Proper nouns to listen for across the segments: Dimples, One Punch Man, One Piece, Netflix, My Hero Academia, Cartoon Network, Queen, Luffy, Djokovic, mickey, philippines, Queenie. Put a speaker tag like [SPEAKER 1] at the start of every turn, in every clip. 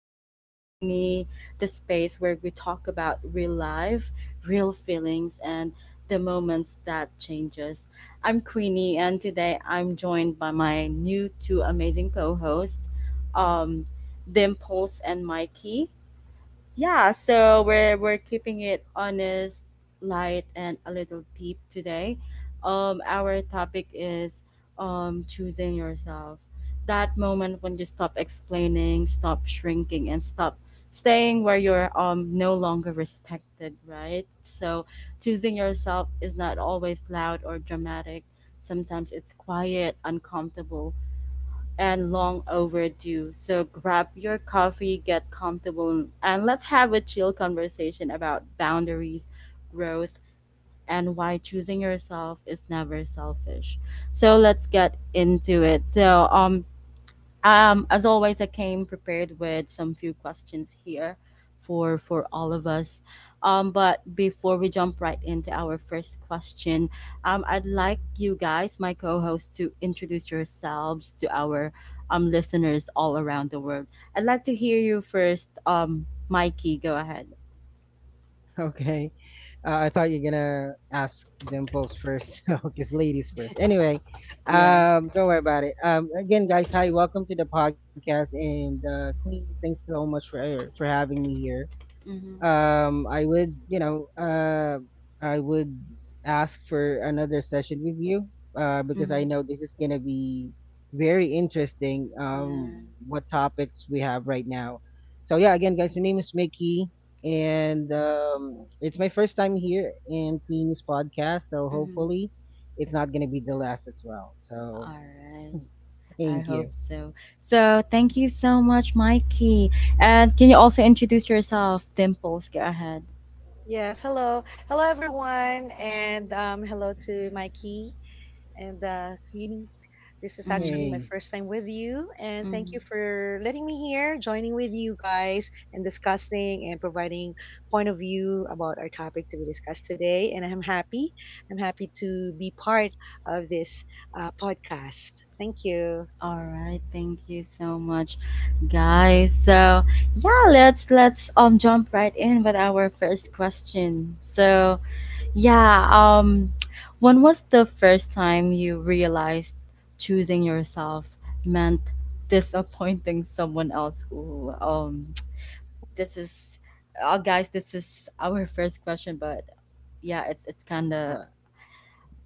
[SPEAKER 1] Talks with Queenie, the space where we talk about real life, real feelings, and the moments that changes. I'm Queenie, and today I'm joined by my new two amazing co-hosts, um, Dimples and Mikey. Yeah, so we're keeping it honest, light, and a little deep today. Our topic is choosing yourself. That moment when you stop explaining, stop shrinking, and stop staying where you're no longer respected, right? So choosing yourself is not always loud or dramatic. Sometimes it's quiet, uncomfortable, and long overdue. So grab your coffee, get comfortable, and let's have a chill conversation about boundaries, growth, and why choosing yourself is never selfish. So let's get into it. So as always, I came prepared with some few questions here for all of us. But before we jump right into our first question, I'd like you guys, my co-hosts, to introduce yourselves to our listeners all around the world. I'd like to hear you first, Mikey. Go ahead.
[SPEAKER 2] Okay. I thought you're gonna ask dimples first, because ladies first. Anyway,
[SPEAKER 1] Yeah.
[SPEAKER 2] don't worry about it. Again, guys, hi, welcome to the podcast, and Queen, thanks so much for having me here.
[SPEAKER 1] Mm-hmm.
[SPEAKER 2] um i would you know uh I would ask for another session with you, because I
[SPEAKER 1] Mm-hmm.
[SPEAKER 2] know this is gonna be very interesting,
[SPEAKER 1] Yeah.
[SPEAKER 2] what topics we have right now. So yeah, again, guys, my name is Mickey, and it's my first time here in Queen's podcast, so
[SPEAKER 1] Mm-hmm.
[SPEAKER 2] hopefully it's not gonna be the last as well,
[SPEAKER 1] All
[SPEAKER 2] so
[SPEAKER 1] right. I
[SPEAKER 2] thank
[SPEAKER 1] hope
[SPEAKER 2] you.
[SPEAKER 1] so. So thank you so much, Mikey. And can you also introduce yourself, Dimples? Go ahead.
[SPEAKER 3] Yes, hello. Hello, everyone. And hello to Mikey and Queenie. This is
[SPEAKER 1] Mhm,
[SPEAKER 3] actually
[SPEAKER 2] Hey.
[SPEAKER 3] my first time with you. And thank you
[SPEAKER 1] mhm.
[SPEAKER 3] for letting me here, joining with you guys, and discussing and providing point of view about our topic to be discussed today. And I'm happy. I'm happy to be part of this podcast. Thank you.
[SPEAKER 1] All right. Thank you so much, guys. So yeah, let's jump right in with our first question. So yeah, when was the first time you realized choosing yourself meant disappointing someone else? Ooh, This is, guys, this is our first question, but yeah, it's kind
[SPEAKER 2] What?
[SPEAKER 1] of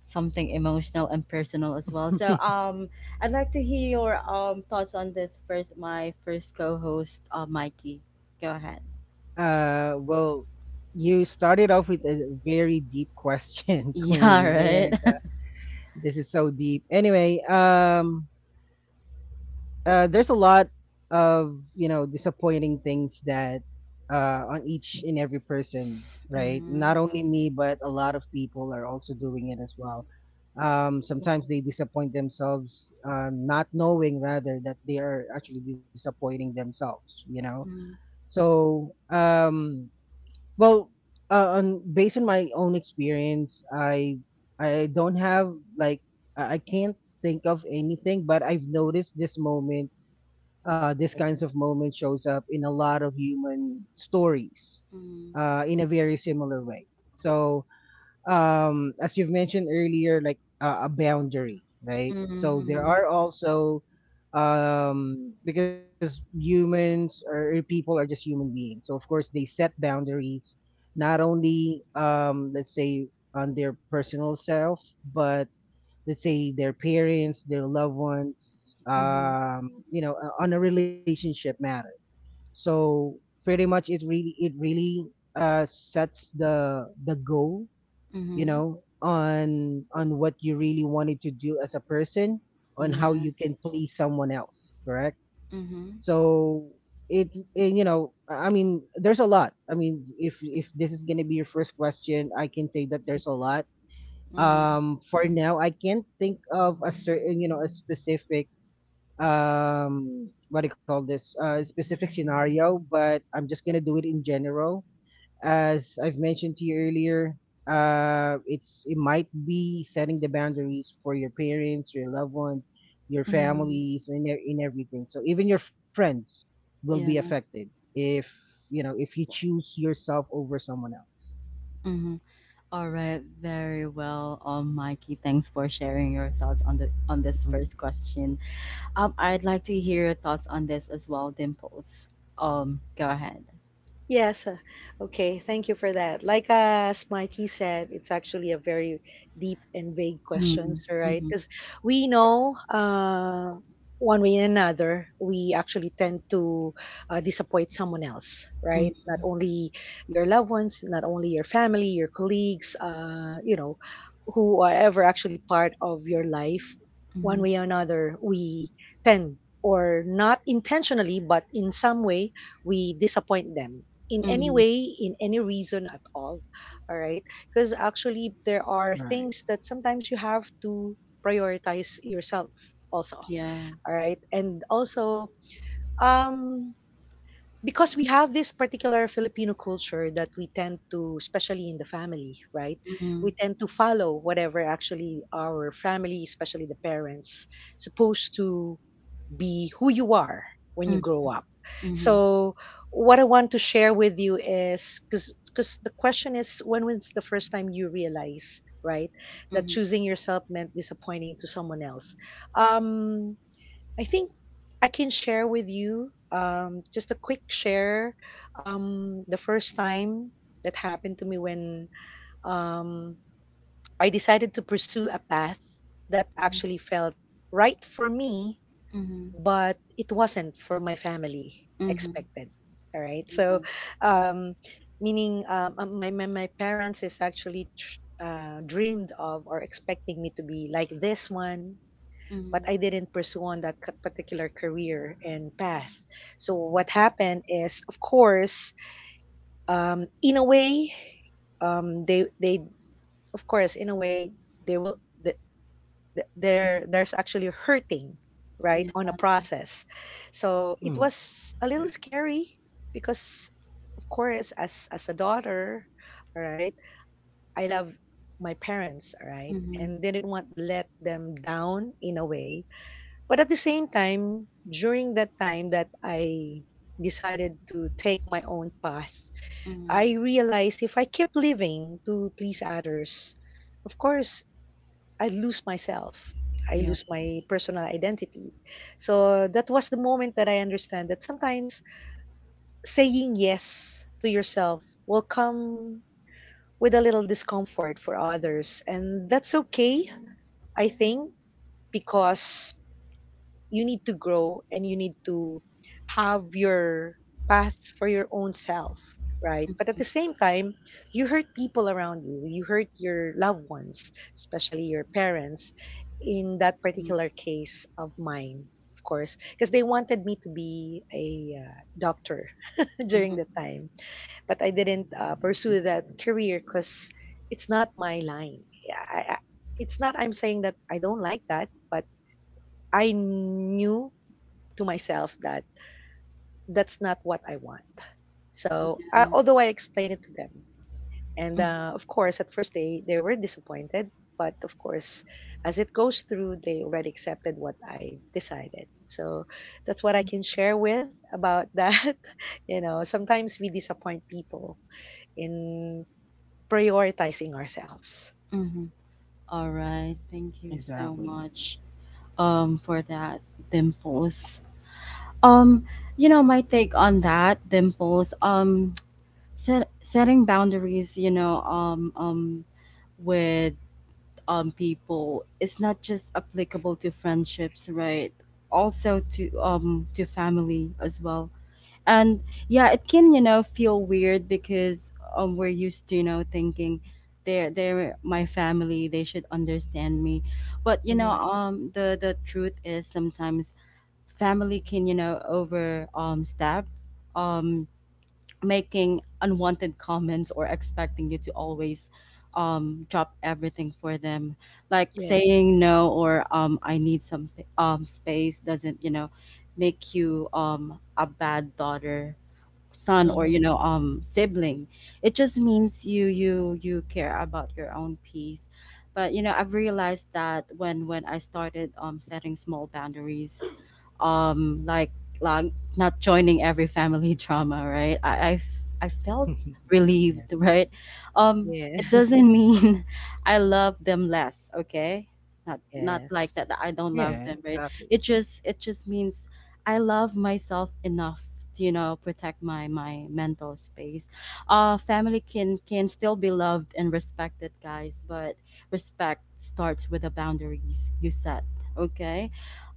[SPEAKER 1] something emotional and personal as well. So I'd like to hear your thoughts on this first. My first co-host, Mikey, go ahead.
[SPEAKER 2] Well, you started off with a very deep question,
[SPEAKER 1] Yeah,
[SPEAKER 2] Queenie,
[SPEAKER 1] right.
[SPEAKER 2] and this is so deep. Anyway, there's a lot of disappointing things that, on each and every person, right?
[SPEAKER 1] Mm-hmm.
[SPEAKER 2] Not only me, but a lot of people are also doing it as well. Sometimes they disappoint themselves, not knowing rather that they are actually disappointing themselves. You know, so well, on based on my own experience, I don't have like, I can't think of anything, but I've noticed this moment, this kinds of moment shows up in a lot of human stories,
[SPEAKER 1] Mm-hmm.
[SPEAKER 2] in a very similar way. So, as you've mentioned earlier, like, a boundary, right? So there
[SPEAKER 1] Mm-hmm.
[SPEAKER 2] are also, because humans or people are just human beings. So of course they set boundaries, not only, let's say, on their personal self, but let's say their parents, their loved ones,
[SPEAKER 1] Mm-hmm.
[SPEAKER 2] you know, on a relationship matter. So pretty much, it really sets the goal,
[SPEAKER 1] Mm-hmm.
[SPEAKER 2] you
[SPEAKER 1] Mm-hmm.
[SPEAKER 2] know, on what you really wanted to do as a person, on how
[SPEAKER 1] Yeah.
[SPEAKER 2] you can please someone else, correct?
[SPEAKER 1] Mm-hmm. Yeah.
[SPEAKER 2] So, it you know I mean there's a lot. I mean, if this is going to be your first question, I can say that there's a lot.
[SPEAKER 1] Mm-hmm.
[SPEAKER 2] For now, I can't think of a certain, you know, a specific, um what do you call this, specific scenario, but I'm just going to do it in general. As I've mentioned to you earlier, it might be setting the boundaries for your parents, your loved ones, your
[SPEAKER 1] Mm-hmm.
[SPEAKER 2] families, and in everything. So even your friends will be
[SPEAKER 1] Yeah.
[SPEAKER 2] affected if, you know, if you choose yourself over someone else.
[SPEAKER 1] Mm-hmm. All right, very well, Mikey. Thanks for sharing your thoughts on the on this
[SPEAKER 2] Mhm.
[SPEAKER 1] first question. I'd like to hear your thoughts on this as well, Dimples. Go ahead.
[SPEAKER 3] Yes. Okay. Thank you for that. Like as Mikey said, it's actually a very deep and vague
[SPEAKER 1] Mm,
[SPEAKER 3] questions, right?
[SPEAKER 1] mm-hmm,
[SPEAKER 3] Because we know one way and another, we actually tend to disappoint someone else, right?
[SPEAKER 1] mm,
[SPEAKER 3] Not only your loved ones, not only your family, your colleagues, you know, who are ever actually part of your life. One
[SPEAKER 1] mm,
[SPEAKER 3] way or another, we tend, or not intentionally, but in some way, we disappoint them in any
[SPEAKER 1] mm,
[SPEAKER 3] way, in any reason at all. All right. Because actually, there are
[SPEAKER 2] Right.
[SPEAKER 3] things that sometimes you have to prioritize yourself also.
[SPEAKER 1] yeah.
[SPEAKER 3] All right. And also, um, because we have this particular Filipino culture that we tend to, especially in the family, right?
[SPEAKER 1] Mm-hmm,
[SPEAKER 3] We tend to follow whatever actually our family, especially the parents, supposed to be who you are when you
[SPEAKER 1] mm,
[SPEAKER 3] grow up.
[SPEAKER 1] mm-hmm,
[SPEAKER 3] So, what I want to share with you is because the question is when was the first time you realize, right, that
[SPEAKER 1] mm-hmm,
[SPEAKER 3] choosing yourself meant disappointing to someone else? Um, I think I can share with you just a quick share. The first time that happened to me when um, I decided to pursue a path that actually felt right for me
[SPEAKER 1] mm-hmm,
[SPEAKER 3] but it wasn't for my family
[SPEAKER 1] mm-hmm,
[SPEAKER 3] expected. All right. So,
[SPEAKER 1] yeah.
[SPEAKER 3] um, meaning my parents is actually dreamed of or expecting me to be like this one, but
[SPEAKER 1] Mm-hmm,
[SPEAKER 3] I didn't pursue on that particular career and path. So what happened is, of course, in a way, um, they, they, of course, in a way, they will, th- there there's actually hurting right on
[SPEAKER 1] yeah.
[SPEAKER 3] a process so it
[SPEAKER 2] Mm.
[SPEAKER 3] was a
[SPEAKER 2] Yeah.
[SPEAKER 3] little scary because of course as a daughter all right, I love my parents all right,
[SPEAKER 1] Mm-hmm,
[SPEAKER 3] and didn't want to let them down in a way but at the same time during that time that I decided to take my own path
[SPEAKER 1] mm-hmm,
[SPEAKER 3] I realized if I keep living to please others of course I lose myself. I
[SPEAKER 1] yeah.
[SPEAKER 3] lose my personal identity. So that was the moment that I understand that sometimes saying yes to yourself will come with a little discomfort for others. And that's okay, I think, because you need to grow and you need to have your path for your own self, right? But at
[SPEAKER 1] Mm-hmm,
[SPEAKER 3] the same time, you hurt people around you. You hurt your loved ones, especially your parents, in that particular case of mine, of course, because they wanted me to be a doctor during the
[SPEAKER 1] mm-hmm,
[SPEAKER 3] time. But I didn't
[SPEAKER 2] Mm.
[SPEAKER 3] pursue that career because it's not my line. I, I, it's not, I'm saying that I don't like that, but I knew to myself that that's not what I want. So, I,
[SPEAKER 1] yeah.
[SPEAKER 3] although I explained it to them, and
[SPEAKER 1] Mm-hmm,
[SPEAKER 3] of course, at first they were disappointed, but of course, as it goes through, they already accepted what I decided. So that's what I can share with about that. You know, sometimes we disappoint people in prioritizing ourselves.
[SPEAKER 1] mm-hmm. All right. Thank you so
[SPEAKER 2] Exactly.
[SPEAKER 1] much for that, Dimples. um you know my take on that, Dimples. Setting boundaries, with people is not just applicable to friendships, right? Also to family as well. And yeah, it can, feel weird, because we're used to, thinking, they're, my family, they should understand me. But
[SPEAKER 3] Hmm.
[SPEAKER 1] the truth is, sometimes family can, over step, um making unwanted comments or expecting you to always drop everything for them. Like
[SPEAKER 3] Yes.
[SPEAKER 1] saying no, or I need some space, doesn't, make you a bad daughter, son, or
[SPEAKER 3] Hmm.
[SPEAKER 1] sibling. It just means you care about your own peace. But I've realized that when I started setting small boundaries, um like like not joining every family drama, right? I felt
[SPEAKER 2] Yeah.
[SPEAKER 1] relieved right? um
[SPEAKER 3] Yeah.
[SPEAKER 1] it doesn't mean I love them less, okay? Not
[SPEAKER 3] Yes.
[SPEAKER 1] like that, that I don't love
[SPEAKER 2] Yeah,
[SPEAKER 1] them, right?
[SPEAKER 2] exactly.
[SPEAKER 1] It just means I love myself enough to, protect my mental space. Family can still be loved and respected, guys, but respect starts with the boundaries you set. Okay.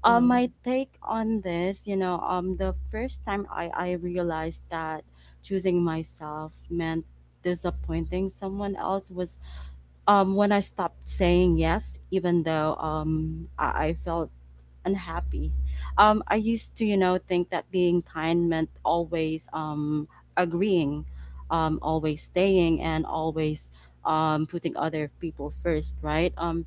[SPEAKER 3] Hmm.
[SPEAKER 1] My take on this, the first time I realized that choosing myself meant disappointing someone else was when I stopped saying yes, even though I felt unhappy. I used to, think that being kind meant always, agreeing, always staying, and always, putting other people first, right?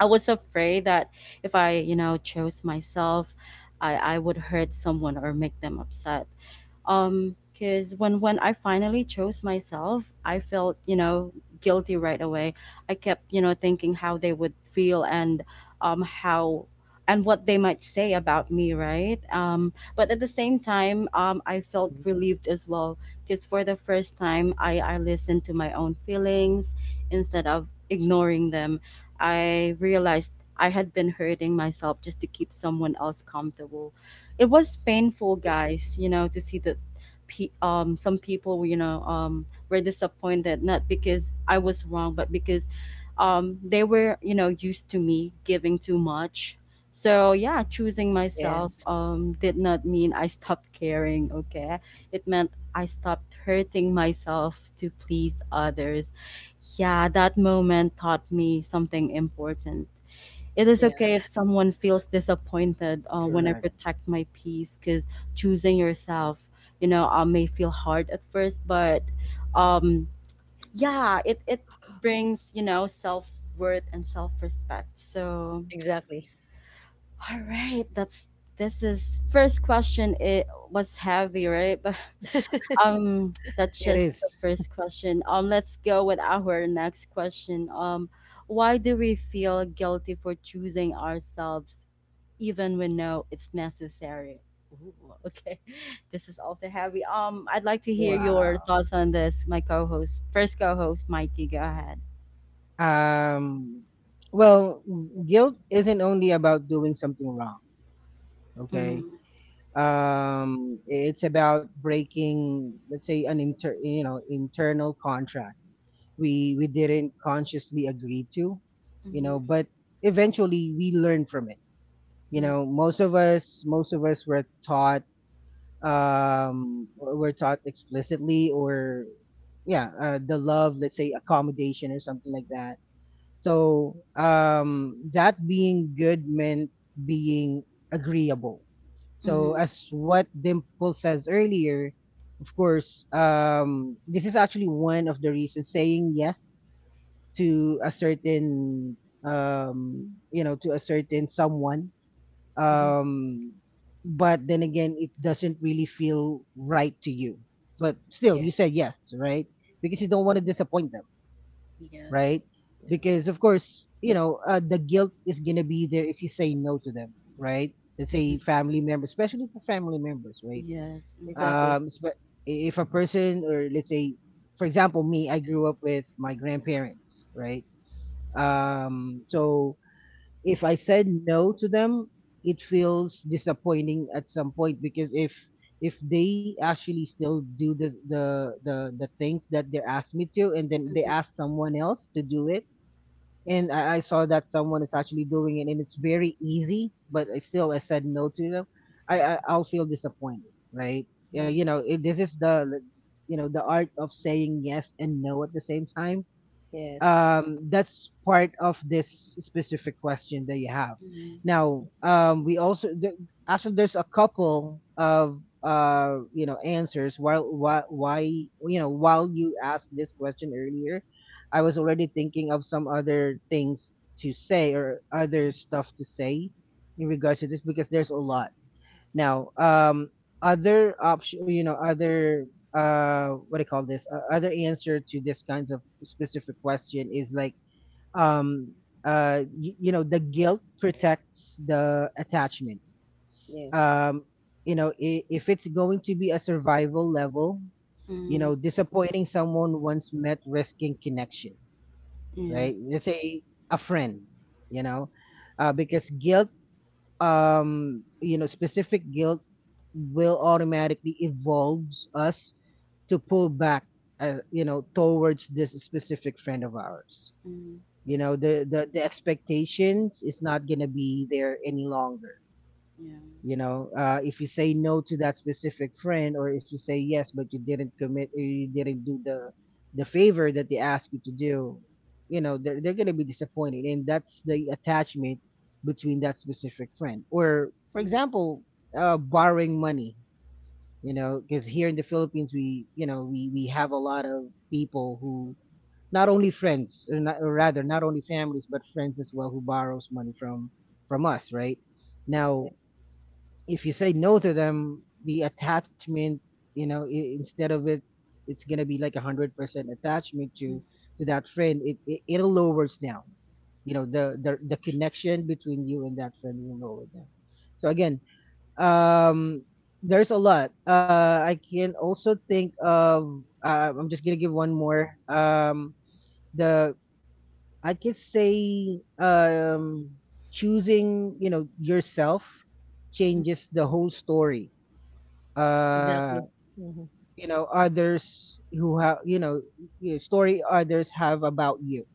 [SPEAKER 1] I was afraid that if chose myself, I would hurt someone or make them upset, because when I finally chose myself, I felt, guilty right away. I kept, thinking how they would feel, um how and what they might say about me, right? But at the same time, I
[SPEAKER 2] Mhm.
[SPEAKER 1] felt relieved as well, because for the first time I listened to my own feelings instead of ignoring them. I realized I had been hurting myself just to keep someone else comfortable. It was painful, guys. To see that some people, were disappointed not because I was wrong, but because, they were, used to me giving too much. So yeah, choosing myself
[SPEAKER 3] Yes.
[SPEAKER 1] did not mean I stopped caring. Okay, it meant I stopped hurting myself to please others. Yeah, that moment taught me something important. It is
[SPEAKER 3] Yeah.
[SPEAKER 1] okay if someone feels disappointed, when I
[SPEAKER 2] Correct.
[SPEAKER 1] protect my peace, because choosing yourself, may feel hard at first, but, um, yeah, it brings, self worth and self respect. So,
[SPEAKER 3] Exactly.
[SPEAKER 1] all right, that's this is first question. It was heavy, right? But, that's
[SPEAKER 2] It
[SPEAKER 1] just the
[SPEAKER 2] is.
[SPEAKER 1] first question. Let's go with our next question. Why do we feel guilty for choosing ourselves even when no it's necessary? Ooh, okay, this is also heavy. I'd like to hear
[SPEAKER 3] Yes.
[SPEAKER 1] your
[SPEAKER 2] Wow.
[SPEAKER 1] thoughts on this, my co-host first co-host, Mikey, go ahead.
[SPEAKER 2] Um. Well, guilt isn't only about doing something wrong. Okay.
[SPEAKER 1] Mm-hmm.
[SPEAKER 2] It's about breaking, let's say, an you know, internal contract we didn't consciously agree to, you
[SPEAKER 1] Mm-hmm.
[SPEAKER 2] know, but eventually we learn from it. You know, most of us were taught explicitly, or yeah, the love, let's say, accommodation or something like that, so, that being good meant being agreeable.
[SPEAKER 1] Mm-hmm.
[SPEAKER 2] So
[SPEAKER 1] Mm-hmm.
[SPEAKER 2] as what Dimple says earlier, of course, this is actually one of the reasons saying yes to a certain, you know, to a certain someone.
[SPEAKER 3] Hmm.
[SPEAKER 2] Um, but then again, it doesn't really feel right to you. But still, you
[SPEAKER 3] Yes.
[SPEAKER 2] said yes, right? Because you don't want to
[SPEAKER 3] Mm-mm.
[SPEAKER 2] disappoint them, right?
[SPEAKER 1] Yes.
[SPEAKER 3] Yeah.
[SPEAKER 2] Because of course, you know, the guilt is gonna be there if you say no to them, right? Let's say
[SPEAKER 1] Mm-hmm.
[SPEAKER 2] family members, especially for family members, right?
[SPEAKER 1] Yes. Mm-hmm.
[SPEAKER 3] Exactly.
[SPEAKER 2] Um, spe- if a person, or let's say, for example, me, I grew up with my grandparents, right? So if I said no to them, it feels disappointing at some point because if they actually still do the things that they asked me to, and then they
[SPEAKER 1] Mm-hmm.
[SPEAKER 2] ask someone else to do it, and I saw that someone is actually doing it and it's very easy, but I still, I said no to them. I'll feel disappointed, right? Yeah,
[SPEAKER 1] Mm-hmm.
[SPEAKER 2] you know, this is the, you know, the art of saying yes and no at the same time.
[SPEAKER 3] Yes.
[SPEAKER 2] That's part of this specific question that you have. Now, actually, there's a couple of, you know, answers. While why, why you know while you asked this question earlier, I was already thinking of some other things to say, or other stuff to say, in regards to this, because there's a lot. Now, other option, you know, other, what do you call this? Other answer to this kinds of specific question is like, um, you know, the guilt protects the attachment.
[SPEAKER 3] Yes.
[SPEAKER 2] Um, you know, if it's going to be a survival level,
[SPEAKER 1] Mm-hmm.
[SPEAKER 2] you
[SPEAKER 1] Mm-hmm.
[SPEAKER 2] know, disappointing someone once meant risking connection,
[SPEAKER 1] Yeah.
[SPEAKER 2] right? Let's say a friend, you know, because guilt you know specific guilt will automatically evolves us to pull back, you know, towards this specific friend of ours.
[SPEAKER 1] Mm-hmm.
[SPEAKER 2] You know, the expectations is not going to be there any longer.
[SPEAKER 1] Yeah.
[SPEAKER 2] You know, if you say no to that specific friend, or if you say yes but you didn't commit, or you didn't do the favor that they ask you to do, you know, they're going to be disappointed, and that's the attachment between that specific friend. Or, for
[SPEAKER 1] Mm-hmm.
[SPEAKER 2] example, borrowing money. You know, because here in the Philippines, we, you know, we have a lot of people who, not only friends or, not, or rather not only families but friends as well, who borrows money from us, right?
[SPEAKER 3] Yeah.
[SPEAKER 2] Now, if you say no to them, the attachment, you know, instead of it, it's gonna be like 100% attachment to
[SPEAKER 1] Mm-hmm.
[SPEAKER 2] that friend. It'll lowers down. You know, the connection between you and that friend will lower down. So again, um, there's a lot. I can also think of. I'm just gonna give one more. The I can say, choosing, you know, yourself changes the whole story, uh
[SPEAKER 3] Exactly. Mhm.
[SPEAKER 2] you know, others who have you know y- story others have about you.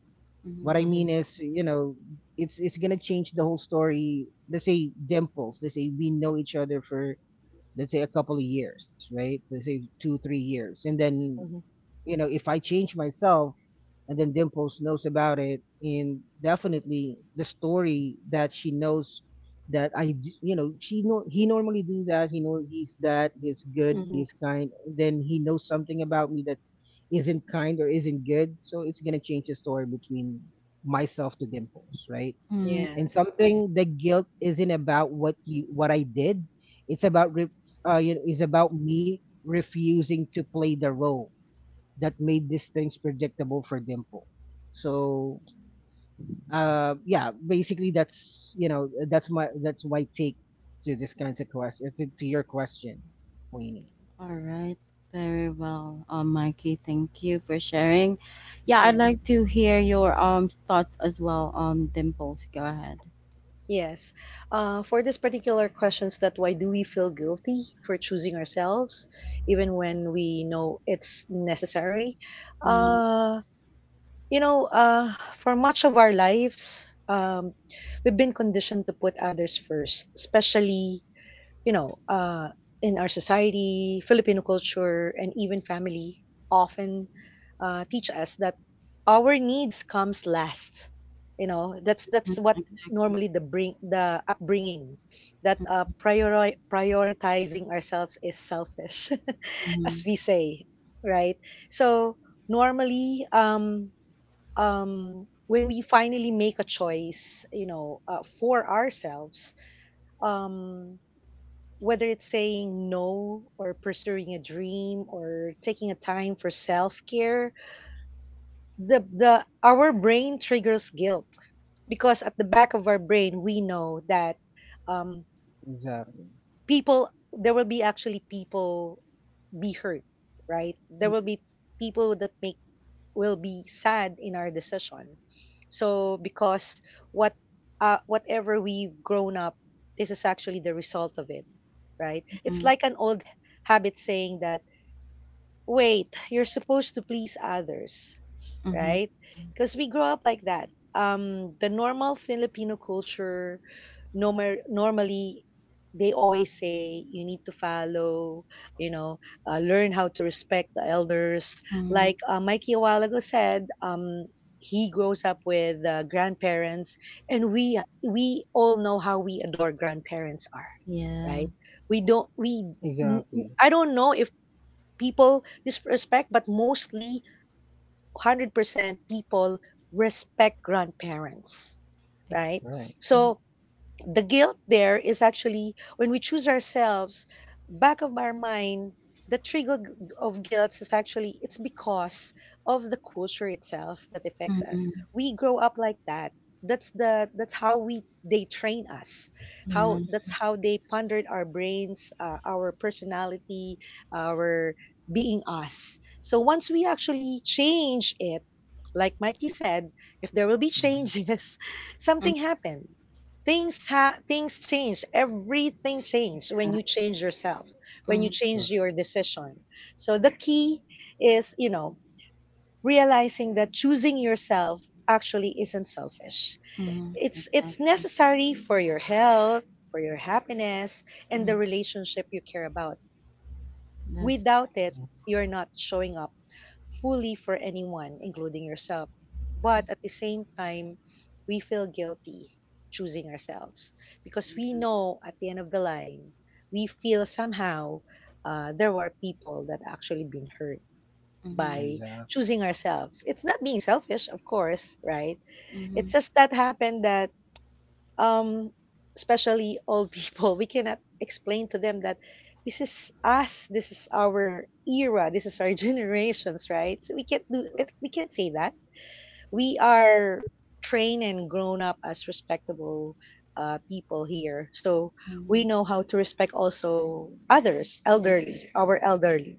[SPEAKER 1] Mm-hmm.
[SPEAKER 2] What I
[SPEAKER 3] Mhm.
[SPEAKER 2] mean is, you know, it's gonna change the whole story. Let's say, Dimples, let's say we know each other for, let's say, a couple of years, right? Let's say two three years, and then,
[SPEAKER 3] Mhm.
[SPEAKER 2] you know, if I change myself, and then Dimples knows about it, and definitely the story that she knows, that you know, she know he normally do that. He know he's that. He's
[SPEAKER 1] Mm-hmm.
[SPEAKER 2] good. He's
[SPEAKER 3] Mhm.
[SPEAKER 2] kind. Then he knows something about me that isn't kind or isn't good. So it's gonna change the story between myself to Dimples, right?
[SPEAKER 1] Mm-hmm.
[SPEAKER 2] And
[SPEAKER 3] Yes.
[SPEAKER 2] something, the guilt isn't about what I did. It's about re- you know, is about me refusing to play the role that made these things predictable for Dimple. So, yeah, basically that's, you know, that's my take to this kinds of question, to your question, Queenie.
[SPEAKER 1] All right, very well, Mikey. Thank you for sharing. Yeah, I'd
[SPEAKER 3] Yeah.
[SPEAKER 1] like to hear your thoughts as well. Dimples, go ahead.
[SPEAKER 3] Yes. For this particular questions that why do we feel guilty for choosing ourselves, even when we know it's necessary?
[SPEAKER 1] Mm-hmm.
[SPEAKER 3] Uh, you know, uh, for much of our lives, we've been conditioned to put others first, especially you know, in our society, Filipino culture, and even family often teach us that our needs comes last. You know, that's what
[SPEAKER 1] Exactly.
[SPEAKER 3] normally the bring the upbringing that prioritizing ourselves is selfish,
[SPEAKER 1] Mm-hmm.
[SPEAKER 3] as we say, right? So normally, when we finally make a choice, you know, for ourselves, um, whether it's saying no or pursuing a dream or taking a time for self-care the our brain triggers guilt because at the back of our brain we know that um
[SPEAKER 2] Exactly.
[SPEAKER 3] people there will be actually people be hurt right there will be people that make will be sad in our decision so because what whatever we've grown up this is actually the result of it right it's
[SPEAKER 1] Yeah.
[SPEAKER 3] like an old habit saying that wait, you're supposed to please others,
[SPEAKER 1] Mm-hmm.
[SPEAKER 3] right? Because we grow up like that. The normal Filipino culture, normal, normally, they always say you need to follow, you know, learn how to respect the elders.
[SPEAKER 1] Mm-hmm.
[SPEAKER 3] Like Mikey a while ago said, he grows up with grandparents, and we all know how we adore grandparents are,
[SPEAKER 1] Yeah.
[SPEAKER 3] right? We don't we n- n-
[SPEAKER 2] Exactly.
[SPEAKER 3] I don't know if people disrespect, but mostly 100% people respect grandparents,
[SPEAKER 1] Exactly.
[SPEAKER 3] right?
[SPEAKER 2] Right.
[SPEAKER 1] Mm-hmm.
[SPEAKER 3] So the guilt there is actually when we choose ourselves back of our mind the trigger of guilt is actually it's because of the culture itself that affects us
[SPEAKER 1] Mm-hmm.
[SPEAKER 3] we grow up like that that's the that's how we they train us how
[SPEAKER 1] Yeah.
[SPEAKER 3] that's how they pondered our brains our personality our being us so once we actually change it like Mikey said if there will be
[SPEAKER 2] Mm-hmm.
[SPEAKER 3] changes something
[SPEAKER 1] Mhm.
[SPEAKER 3] happened things change everything changes when
[SPEAKER 1] Yeah.
[SPEAKER 3] you change yourself when you change
[SPEAKER 2] Correct.
[SPEAKER 3] your decision so the key is you know realizing that choosing yourself actually isn't selfish
[SPEAKER 1] Mm-hmm.
[SPEAKER 3] it's
[SPEAKER 1] Exactly.
[SPEAKER 3] necessary for your health for your happiness and the
[SPEAKER 1] Mm.
[SPEAKER 3] relationship you care about
[SPEAKER 1] That's.
[SPEAKER 3] without it
[SPEAKER 2] Mhm.
[SPEAKER 3] you're not showing up fully for anyone, including yourself. But at the same time, we feel guilty choosing ourselves because we
[SPEAKER 1] Yeah.
[SPEAKER 3] know at the end of the line, we feel somehow there were people that actually been hurt
[SPEAKER 1] Mm-hmm.
[SPEAKER 3] by
[SPEAKER 2] Exactly.
[SPEAKER 3] choosing ourselves. It's not being selfish, of course, right?
[SPEAKER 1] Mm-hmm.
[SPEAKER 3] It's just that happened that um, especially old people. We cannot explain to them that this is us, this is our era, this is our generations, right? So we can't say that. We are trained and grown up as respectable people here, so we
[SPEAKER 1] Mm-hmm.
[SPEAKER 3] know how to respect also others,
[SPEAKER 1] Yeah.
[SPEAKER 3] elderly, our elderly,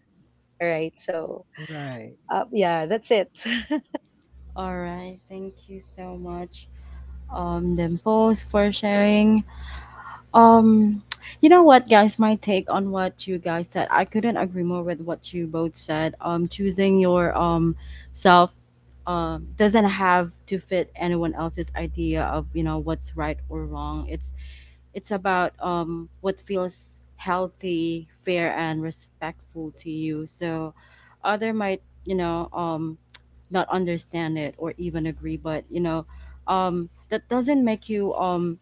[SPEAKER 3] all right? So
[SPEAKER 2] Right.
[SPEAKER 3] yeah, that's it.
[SPEAKER 1] All right. Thank you so much, Dimples, for sharing. Um, you know what, guys? My take on what you guys said, I couldn't agree more with what you both said. Choosing your self doesn't have to fit anyone else's idea of, what's right or wrong. It's about, what feels healthy, fair, and respectful to you. So, other might, not understand it or even agree, but, that doesn't make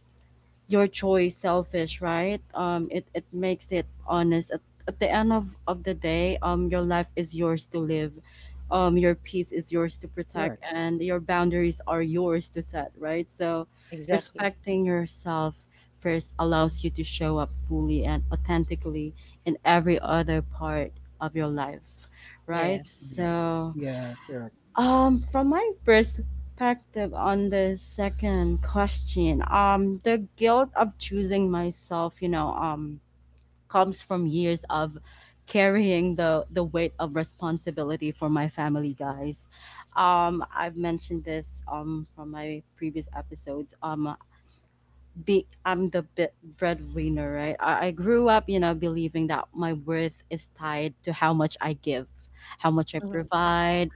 [SPEAKER 1] your choice selfish, right? It makes it honest. At the end of the day, your life is yours to live, your peace is yours to protect,
[SPEAKER 2] Correct.
[SPEAKER 1] and your boundaries are yours to set, right? So
[SPEAKER 3] Exactly.
[SPEAKER 1] respecting yourself first allows you to show up fully and authentically in every other part of your life, right?
[SPEAKER 3] Yes.
[SPEAKER 2] Yeah.
[SPEAKER 1] So,
[SPEAKER 2] Yeah. Correct.
[SPEAKER 1] from my perspective on the second question, the guilt of choosing myself, comes from years of carrying the weight of responsibility for my family, guys. I've mentioned this from my previous episodes. Be I'm the breadwinner, right? I grew up, believing that my worth is tied to how much I give, how much I
[SPEAKER 3] Hmm.
[SPEAKER 1] provide,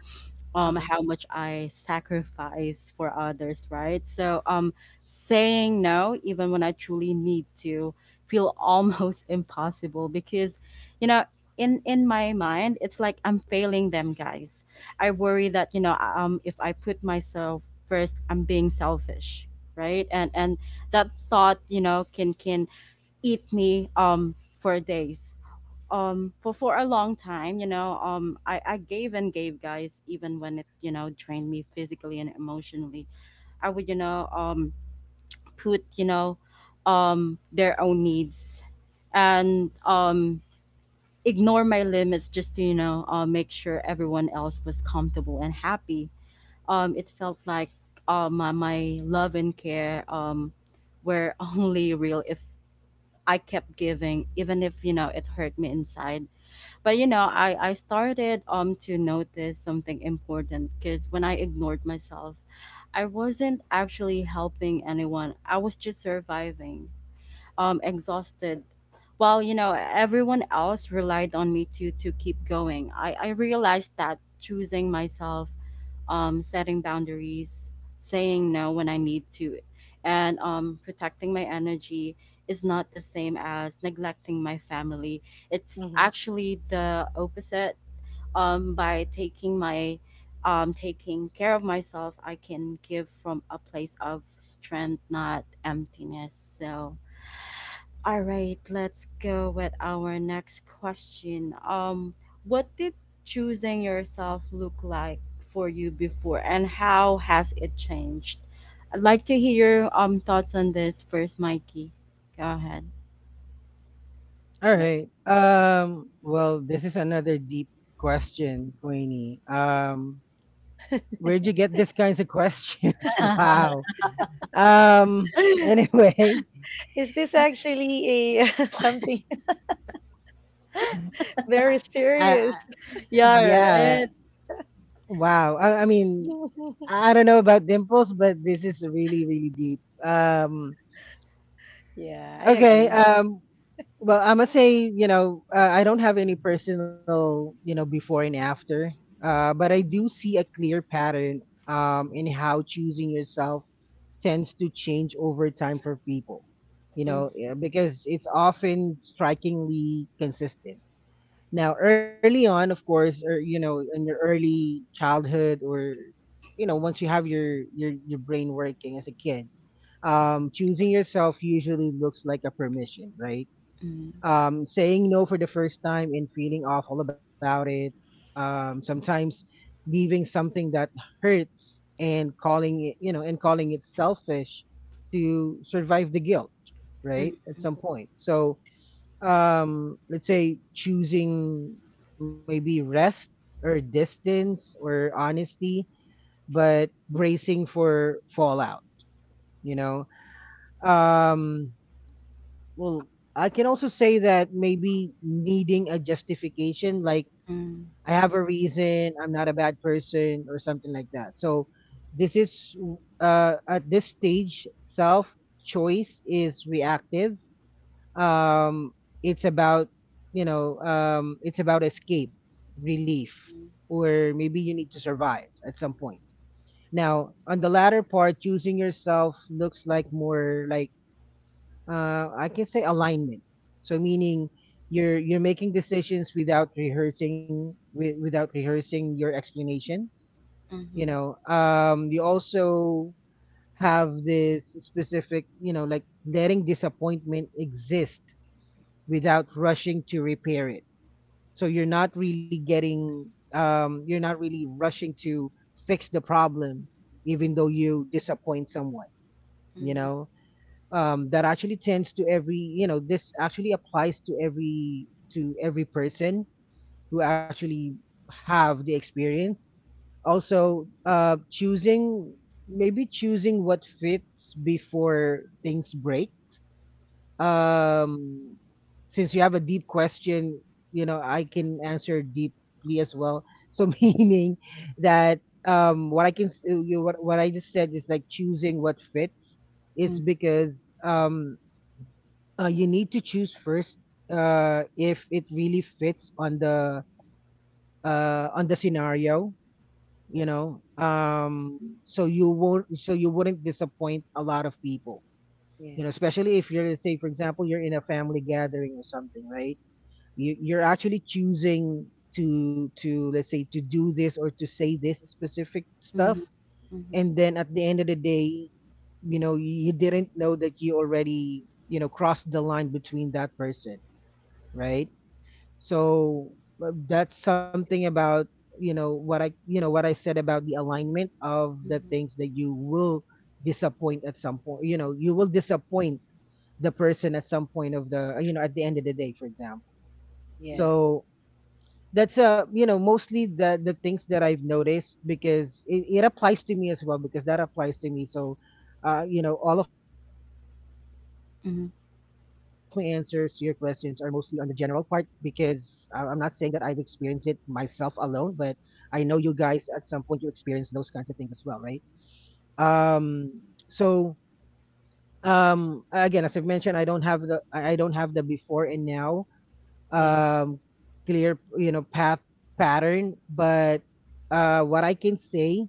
[SPEAKER 3] Uh-huh.
[SPEAKER 1] how much I sacrifice for others, right? So saying no even when I truly need to feel almost impossible, because, you know in my mind it's like I'm failing them, guys. I worry that, if I put myself first I'm being selfish, right? And that thought, can eat me for days, for a long time, I gave and gave, guys, even when it, drained me physically and emotionally. I would, put, their own needs, and, ignore my limits just to, make sure everyone else was comfortable and happy. It felt like, my love and care were only real if I kept giving, even if, it hurt me inside. But, I started to notice something important, because when I ignored myself, I wasn't actually helping anyone, I was just surviving, exhausted, while, everyone else relied on me to keep going. I realized that choosing myself, setting boundaries, saying no when I need to, and, protecting my energy, is not the same as neglecting my family. It's
[SPEAKER 3] Hmm.
[SPEAKER 1] actually the opposite. By taking care of myself, I can give from a place of strength, not emptiness. So, all right, let's go with our next question. What did choosing yourself look like for you before, and how has it changed? I'd like to hear your thoughts on this first, Mikey. Go ahead.
[SPEAKER 2] All
[SPEAKER 1] Yep.
[SPEAKER 2] right. Well, this is another deep question, Queenie. Where'd you get these kinds of questions? Wow. Um. Anyway,
[SPEAKER 3] Is this actually a something. Very
[SPEAKER 2] I, I,
[SPEAKER 3] serious.
[SPEAKER 1] Yeah,
[SPEAKER 2] yeah.
[SPEAKER 1] right.
[SPEAKER 2] Wow. I mean, I don't know about dimples, but this is really, really deep.
[SPEAKER 3] Yeah, I
[SPEAKER 2] Okay.
[SPEAKER 3] agree.
[SPEAKER 2] Well, I must say, you know, I don't have any personal, you know, before and after. But I do
[SPEAKER 3] Mhm.
[SPEAKER 2] see a clear pattern, in how choosing yourself tends to change over time for people. You
[SPEAKER 1] Mm.
[SPEAKER 2] know, yeah, because it's often strikingly consistent. Now, early on, of course, or you know, in your early childhood, or you know, once you have your brain working as a kid, choosing yourself usually looks like a permission, right?
[SPEAKER 1] Mm.
[SPEAKER 2] Saying no for the first time and feeling awful about it. Sometimes leaving something that hurts and calling it, you know, and calling it selfish to survive the guilt,
[SPEAKER 1] Mm.
[SPEAKER 2] right? At some point, so, let's say choosing maybe rest, or distance, or honesty, but bracing for fallout, you know. um well, I can also say that maybe needing a justification like,
[SPEAKER 1] Mm. Mm. Mm.
[SPEAKER 2] I have a reason, I'm not a bad person, or something like that, so this is, at this stage, self choice is reactive. um it's about, you know, it's about escape, relief, or maybe you need to survive at some point. Now, on the latter part, choosing yourself looks like more like, I can say, alignment. So, meaning, you're making decisions without rehearsing, without rehearsing your explanations. You
[SPEAKER 1] Mm.
[SPEAKER 2] know, you also have this specific, you know, like letting disappointment exist without rushing to repair it. So, you're not really rushing to fix the problem, even though you disappoint someone,
[SPEAKER 1] Mm.
[SPEAKER 2] you
[SPEAKER 1] Mm.
[SPEAKER 2] know? That actually tends to every, you know, this actually applies to every person who actually have the experience. Also, choosing, maybe choosing what fits before things break. um since you have a deep question, you know I can answer deeply as well, so meaning that, what I just said is like choosing what fits. It's because, you need to choose first, if it really fits on the— on the scenario, you know. So you wouldn't disappoint a lot of people,
[SPEAKER 3] Yes,
[SPEAKER 2] especially if you're, say for example, you're in a family gathering or something, right? You're actually choosing to let's say to do this or to say this specific
[SPEAKER 1] Mm.
[SPEAKER 2] stuff,
[SPEAKER 1] Mm.
[SPEAKER 2] and then at the end of the day, you didn't know that you already, crossed the line between that person, right? So, that's something about, what I said about the alignment of the things, that you will disappoint at some point. You will disappoint the person at some point of the you know at the end of the day, for example.
[SPEAKER 3] yes,
[SPEAKER 2] So that's, mostly the things that I've noticed, because it applies to me as well, because that applies to me. So, all of my answers to your questions are
[SPEAKER 1] Mm.
[SPEAKER 2] mostly
[SPEAKER 1] Mm.
[SPEAKER 2] on
[SPEAKER 1] Mm.
[SPEAKER 2] the general part, because I'm not saying that I've experienced it myself alone, but I know you guys at some point you experience those kinds of things as well, right? um so Again, as I've mentioned, I don't have the— I don't have the before and now,
[SPEAKER 3] yes,
[SPEAKER 2] um, clear, path, pattern, but, what I can say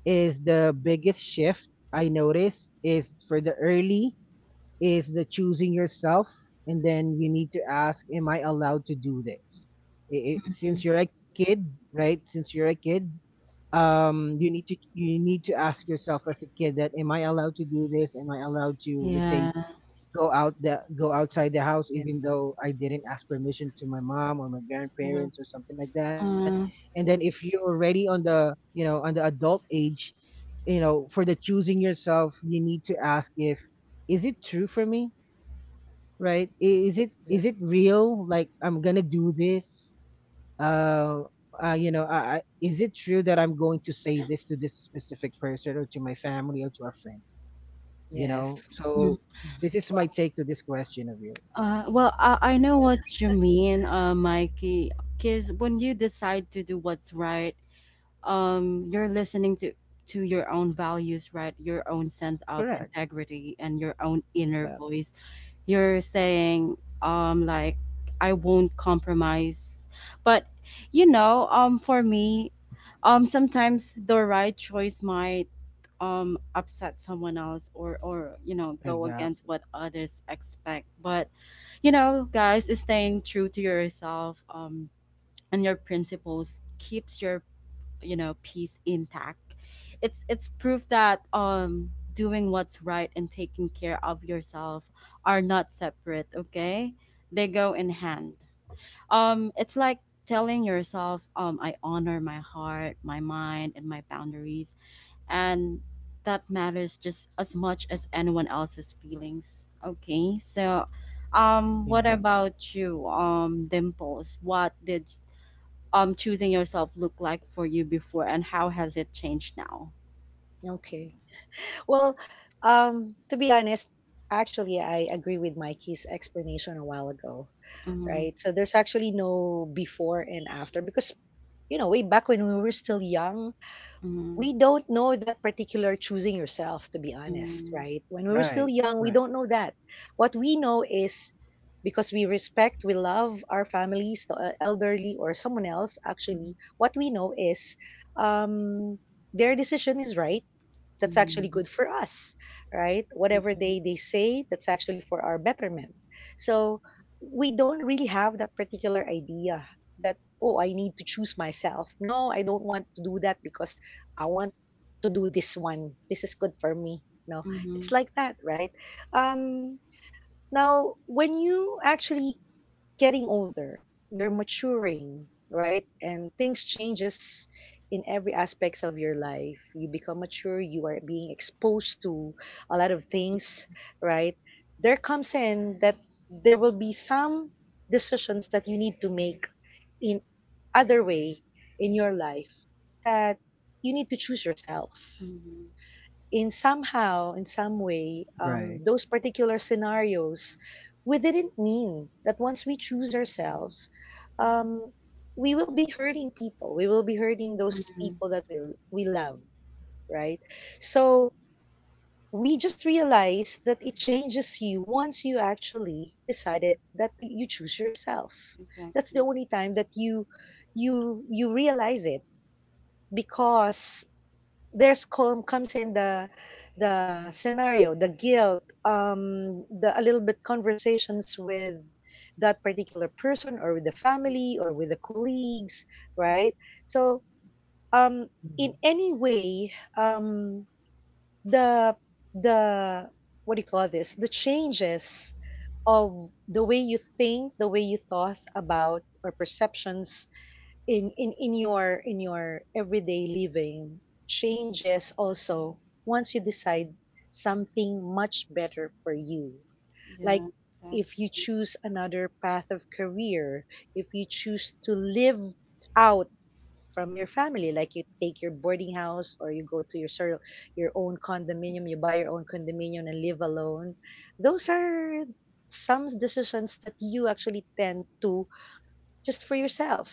[SPEAKER 2] is the biggest shift I notice is for the early, is the choosing yourself. And then you need to ask, am I allowed to do this? Since
[SPEAKER 1] Mm.
[SPEAKER 2] you're a kid, right? Since you're a kid, you need to— ask yourself, as a kid, that, am I allowed to do this? Am I allowed to, let's say,
[SPEAKER 1] Yeah.
[SPEAKER 2] go outside the house, even
[SPEAKER 3] yes.
[SPEAKER 2] though I didn't ask permission to my mom or my
[SPEAKER 3] Hmm.
[SPEAKER 2] grandparents or something like that.
[SPEAKER 1] Uh,
[SPEAKER 2] And then if you're already on the, you know, on the adult age, you know, for the choosing yourself, you need to ask if is it true for me, right? Is it is it real? Like, I'm gonna do this. Is it true that I'm going to say this, to this specific person, or to my family, or to a friend? You know,
[SPEAKER 3] Yes.
[SPEAKER 2] so
[SPEAKER 1] mm.
[SPEAKER 2] this is my take to this question of yours.
[SPEAKER 1] Well, I know
[SPEAKER 3] Yeah.
[SPEAKER 1] what you mean, Mikey. Because when you decide to do what's right, you're listening to your own values, right? Your own sense of
[SPEAKER 2] Correct.
[SPEAKER 1] integrity and your own inner
[SPEAKER 2] Yeah.
[SPEAKER 1] voice. You're saying, I won't compromise. But for me, sometimes the right choice might upset someone else or go against
[SPEAKER 2] Exactly.
[SPEAKER 1] what others expect, but guys, staying true to yourself and your principles keeps your peace intact. It's proof that doing what's right and taking care of yourself are not separate. Okay, they go in hand. It's like telling yourself, I honor my heart, my mind, and my boundaries and that matters just as much as anyone else's feelings. Okay, so what
[SPEAKER 2] Yeah.
[SPEAKER 1] about you, Dimples? What did choosing yourself look like for you before, and how has it changed now?
[SPEAKER 3] Okay. Well, to be honest, actually, I agree with Mikey's explanation a while ago,
[SPEAKER 1] Mm-hmm,
[SPEAKER 3] right? So there's actually no before and after because, you know, way back when we were still young,
[SPEAKER 1] mm-hmm,
[SPEAKER 3] we don't know that particular choosing yourself to be honest
[SPEAKER 1] mm-hmm,
[SPEAKER 3] right when we were still
[SPEAKER 2] Right.
[SPEAKER 3] young we
[SPEAKER 2] Right.
[SPEAKER 3] don't know that what we know is because we respect we love our families the elderly or someone else actually what we know is um their decision is right that's
[SPEAKER 1] mm-hmm,
[SPEAKER 3] actually good for
[SPEAKER 1] yes.
[SPEAKER 3] us, right? Whatever
[SPEAKER 1] Mm-hmm,
[SPEAKER 3] they say, that's actually for our betterment. So we don't really have that particular idea that, oh, I need to choose myself. No, I don't want to do that because I want to do this one. This is good for me. No,
[SPEAKER 1] mm-hmm,
[SPEAKER 3] it's like that, right? Um, now, when you actually getting older, you're maturing, right? And things changes in every aspects of your life. You become mature, you are being exposed to a lot of things, right? There comes in that there will be some decisions that you need to make in other way in your life that you need to choose yourself
[SPEAKER 1] mm-hmm,
[SPEAKER 3] in somehow, in some way,
[SPEAKER 2] Right.
[SPEAKER 3] those particular scenarios, we didn't mean that once we choose ourselves, um, we will be hurting people. We will be hurting those
[SPEAKER 1] mm-hmm,
[SPEAKER 3] people that we love, right? So we just realize that it changes you once you actually decided that you choose yourself. That's the
[SPEAKER 1] exactly.
[SPEAKER 3] only time that you realize it because comes in the scenario the guilt the a little bit conversations with that particular person or with the family or with the colleagues
[SPEAKER 1] Mm-hmm,
[SPEAKER 3] right so um in
[SPEAKER 2] Mhm.
[SPEAKER 3] any way um the the what do you call this the changes of the way you think the way you thought about or perceptions in your everyday living changes also once you decide something much better for you. Like
[SPEAKER 1] yeah,
[SPEAKER 3] if you
[SPEAKER 1] exactly.
[SPEAKER 3] choose another path of career, if you choose to live out from your family, like you take your boarding house or you go to your your own condominium, you buy your own condominium and live alone. Those are some decisions that you actually tend to just for yourself,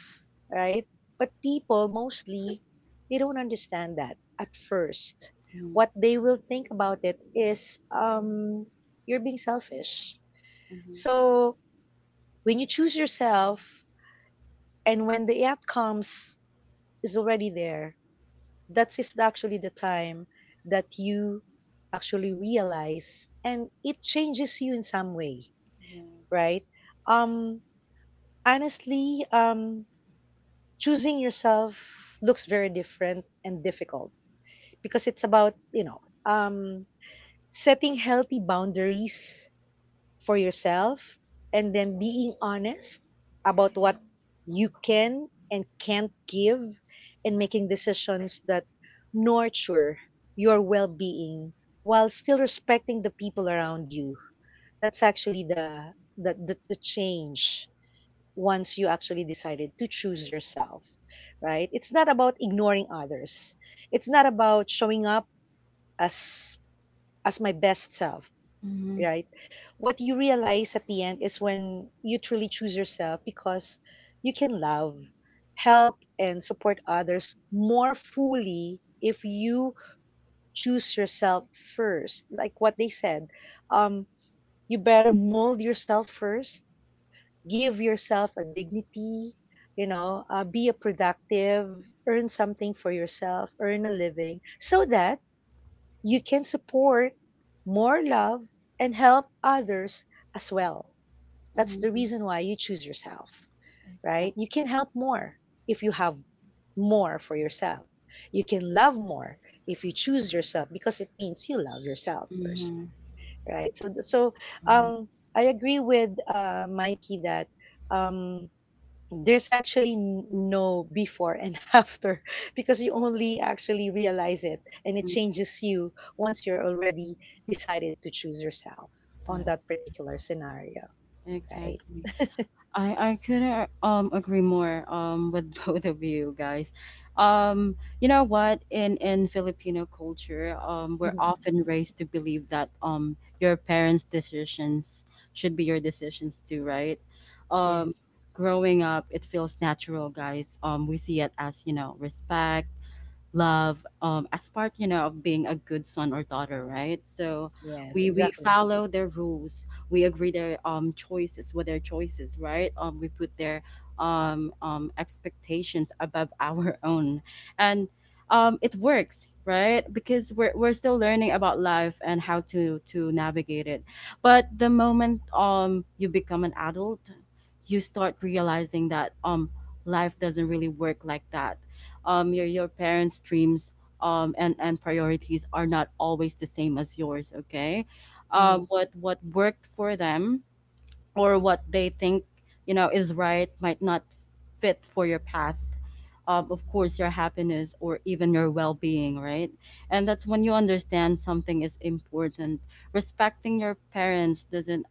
[SPEAKER 3] right? But people mostly they don't understand that at first.
[SPEAKER 1] Mm-hmm,
[SPEAKER 3] What they will think about it is you're being selfish.
[SPEAKER 1] mm-hmm,
[SPEAKER 3] So when you choose yourself and when the outcomes is already there, that is actually the time that you actually realize and it changes you in some way,
[SPEAKER 1] yeah.
[SPEAKER 3] right? Um honestly, choosing yourself looks very different and difficult because it's about um, setting healthy boundaries for yourself and then being honest about what you can and can't give and making decisions that nurture your well-being while still respecting the people around you. That's actually the change once you actually decided to choose yourself, right? It's not about ignoring others. It's not about showing up as as my best self,
[SPEAKER 1] Mm-hmm,
[SPEAKER 3] right? What you realize at the end is when you truly choose yourself because you can love, help and support others more fully if you choose yourself first. Like what they said, um you better mold yourself first, give yourself a dignity, you know, be a productive, earn something for yourself, earn a living so that you can support, more love and help others as well. That's the
[SPEAKER 1] mm-hmm,
[SPEAKER 3] reason why you choose yourself, right? You
[SPEAKER 1] exactly.
[SPEAKER 3] can help more if you have more for yourself. You can love more if you choose yourself, because it means you love yourself first,
[SPEAKER 1] Mm-hmm.
[SPEAKER 3] right? so so
[SPEAKER 1] Mm-hmm.
[SPEAKER 3] um I agree with Mikey that um there's actually no before and after, because you only actually realize it and it
[SPEAKER 1] Mm.
[SPEAKER 3] changes you once you're already decided to choose yourself on that
[SPEAKER 1] Yes,
[SPEAKER 3] particular scenario, right?
[SPEAKER 1] exactly. I couldn't agree more with both of you guys. You know what? In Filipino culture, we're
[SPEAKER 3] Mhm.
[SPEAKER 1] often raised to believe that your parents' decisions should be your decisions too, right? Um,
[SPEAKER 3] Yes.
[SPEAKER 1] Growing up, it feels natural, guys. We see it as respect, love as part of being a good son or daughter, right? So
[SPEAKER 3] Yes,
[SPEAKER 1] we
[SPEAKER 3] exactly.
[SPEAKER 1] follow their rules, we agree their choices with their choices, right? We put their expectations above our own, and it works, right? Because we're still learning about life and how to navigate it. But the moment you become an adult, you start realizing that life doesn't really work like that. Your parents dreams and priorities are not always the same as yours. Okay, uh,
[SPEAKER 3] Mm-hmm.
[SPEAKER 1] what what worked for them or what they think is right might not fit for your path, of course your happiness or even your well-being, right? And that's when you understand something is important. Respecting your parents doesn't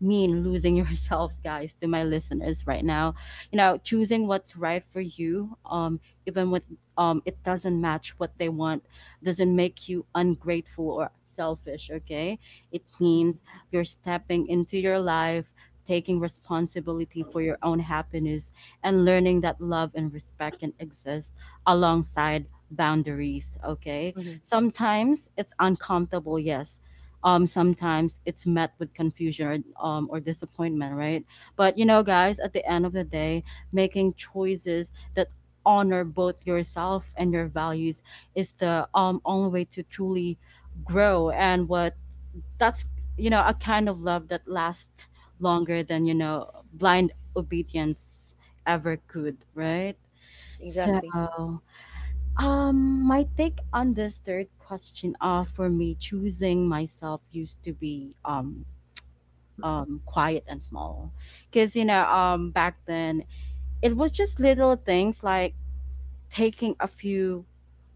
[SPEAKER 1] mean losing yourself, guys, to my listeners right now. You know, choosing what's right for you, even when it doesn't match what they want, doesn't make you ungrateful or selfish, okay? It means you're stepping into your life, taking responsibility for your own happiness, and learning that love and respect can exist alongside boundaries, okay?
[SPEAKER 3] Mm-hmm.
[SPEAKER 1] Sometimes it's uncomfortable, yes, sometimes it's met with confusion or disappointment, right? But you know,
[SPEAKER 3] Yes,
[SPEAKER 1] guys, at the end of the day, making choices that honor both yourself and your values is the only way to truly grow, and what that's, you know, a kind of love that lasts longer than, you know, blind obedience ever could, right?
[SPEAKER 3] exactly.
[SPEAKER 1] So my take on this third question, for me, choosing myself used to be quiet and small, because, you know, back then it was just little things like taking a few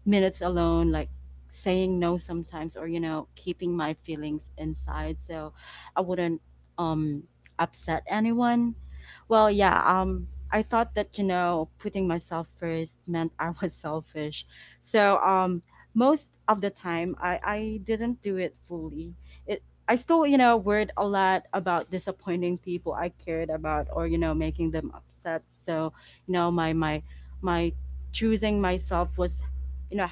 [SPEAKER 1] minutes alone, like saying no sometimes, or, you know, keeping my feelings inside so I wouldn't um upset anyone. Well, yeah, I thought that, you know, putting myself first meant I was selfish. So most of the time I didn't do it fully. It I still, you know, worried a lot about disappointing people I cared about or, you know, making them upset. So, you know, my choosing myself was, you know,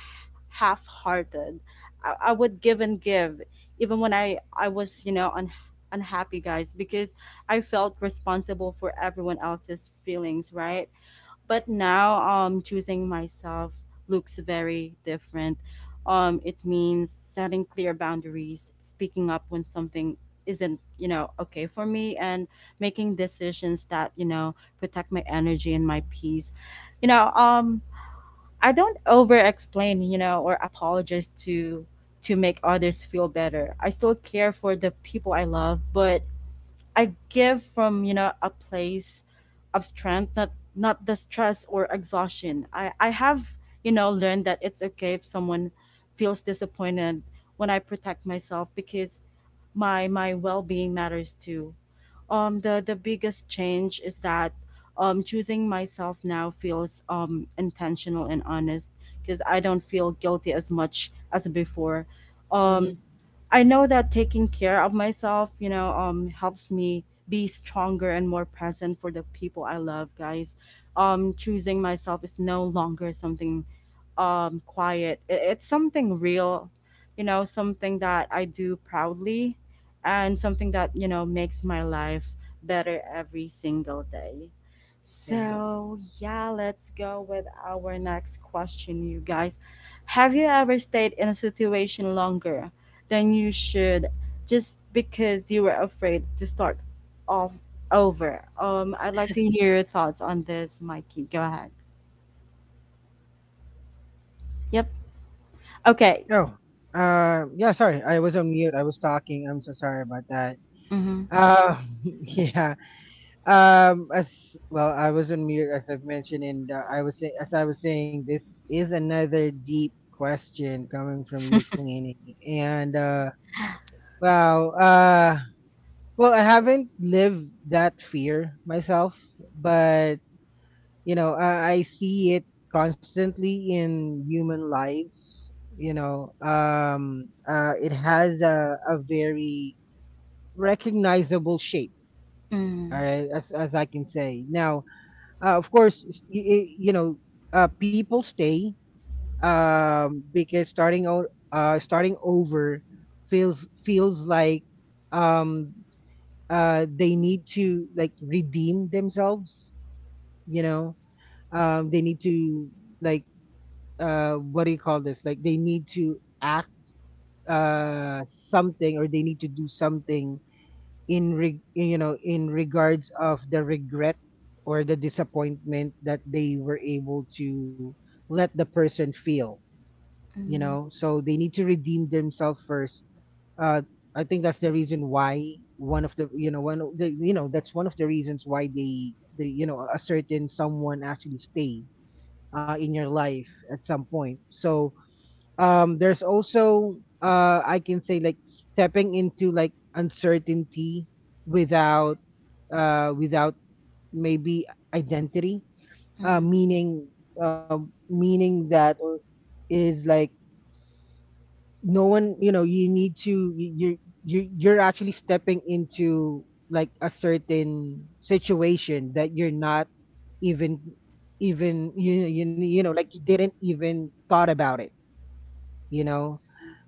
[SPEAKER 1] half-hearted. I would give and give even when I was, you know, unhappy, guys, because I felt responsible for everyone else's feelings, right? But now choosing myself looks very different. It means setting clear boundaries, speaking up when something isn't, you know, okay for me, and making decisions that, you know, protect my energy and my peace. you know um I don't over explain, you know, or apologize to make others feel better. I still care for the people I love, but I give from, you know, a place of strength, not the stress or exhaustion. I have, you know, learned that it's okay if someone feels disappointed when I protect myself because my well-being matters too. The biggest change is that choosing myself now feels intentional and honest, because I don't feel guilty as much as before. Um
[SPEAKER 3] Mm-hmm.
[SPEAKER 1] I know that taking care of myself, you know, helps me be stronger and more present for the people I love, guys. Choosing myself is no longer something quiet. It's something real, you know, something that I do proudly and something that, you know, makes my life better every single day.
[SPEAKER 3] Yeah.
[SPEAKER 1] So, yeah, let's go with our next question, you guys. Have you ever stayed in a situation longer than you should just because you were afraid to start off over? I'd like to hear your thoughts on this, Mikey. Go ahead. Yep. Okay.
[SPEAKER 2] Oh. Yeah. Sorry, I was on mute. I was talking. I'm so sorry about that.
[SPEAKER 1] Mm-hmm.
[SPEAKER 2] Uh. Yeah. As well, I was on mute, as I've mentioned, and, as I was saying, this is another deep question coming from you, Queenie, and. Wow. Well, I haven't lived that fear myself, but, you know, I see it constantly in human lives. It has a very recognizable shape,
[SPEAKER 1] Mm,
[SPEAKER 2] all right, as I can say now. Of course, people stay, because starting out— starting over feels— like, um they need to, like, redeem themselves, you know. They need to, like, what do you call this, like, they need to act something, or they need to do something in re- you know in regards of the regret or the disappointment that they were able to let the person feel, you
[SPEAKER 1] mm,
[SPEAKER 2] know. They need to redeem themselves first. uh I think that's the reason why, one of the you know that's one of the reasons why, they the you know a certain someone actually stayed, in your life at some point. So, there's also, I can say, like, stepping into, like, uncertainty, without without maybe identity.
[SPEAKER 1] mm, mm,
[SPEAKER 2] Meaning, that, or, is like, no one, you know. You need to— you're actually stepping into, like, a certain situation that you're not even— even you— you know like, you didn't even thought about it, you know.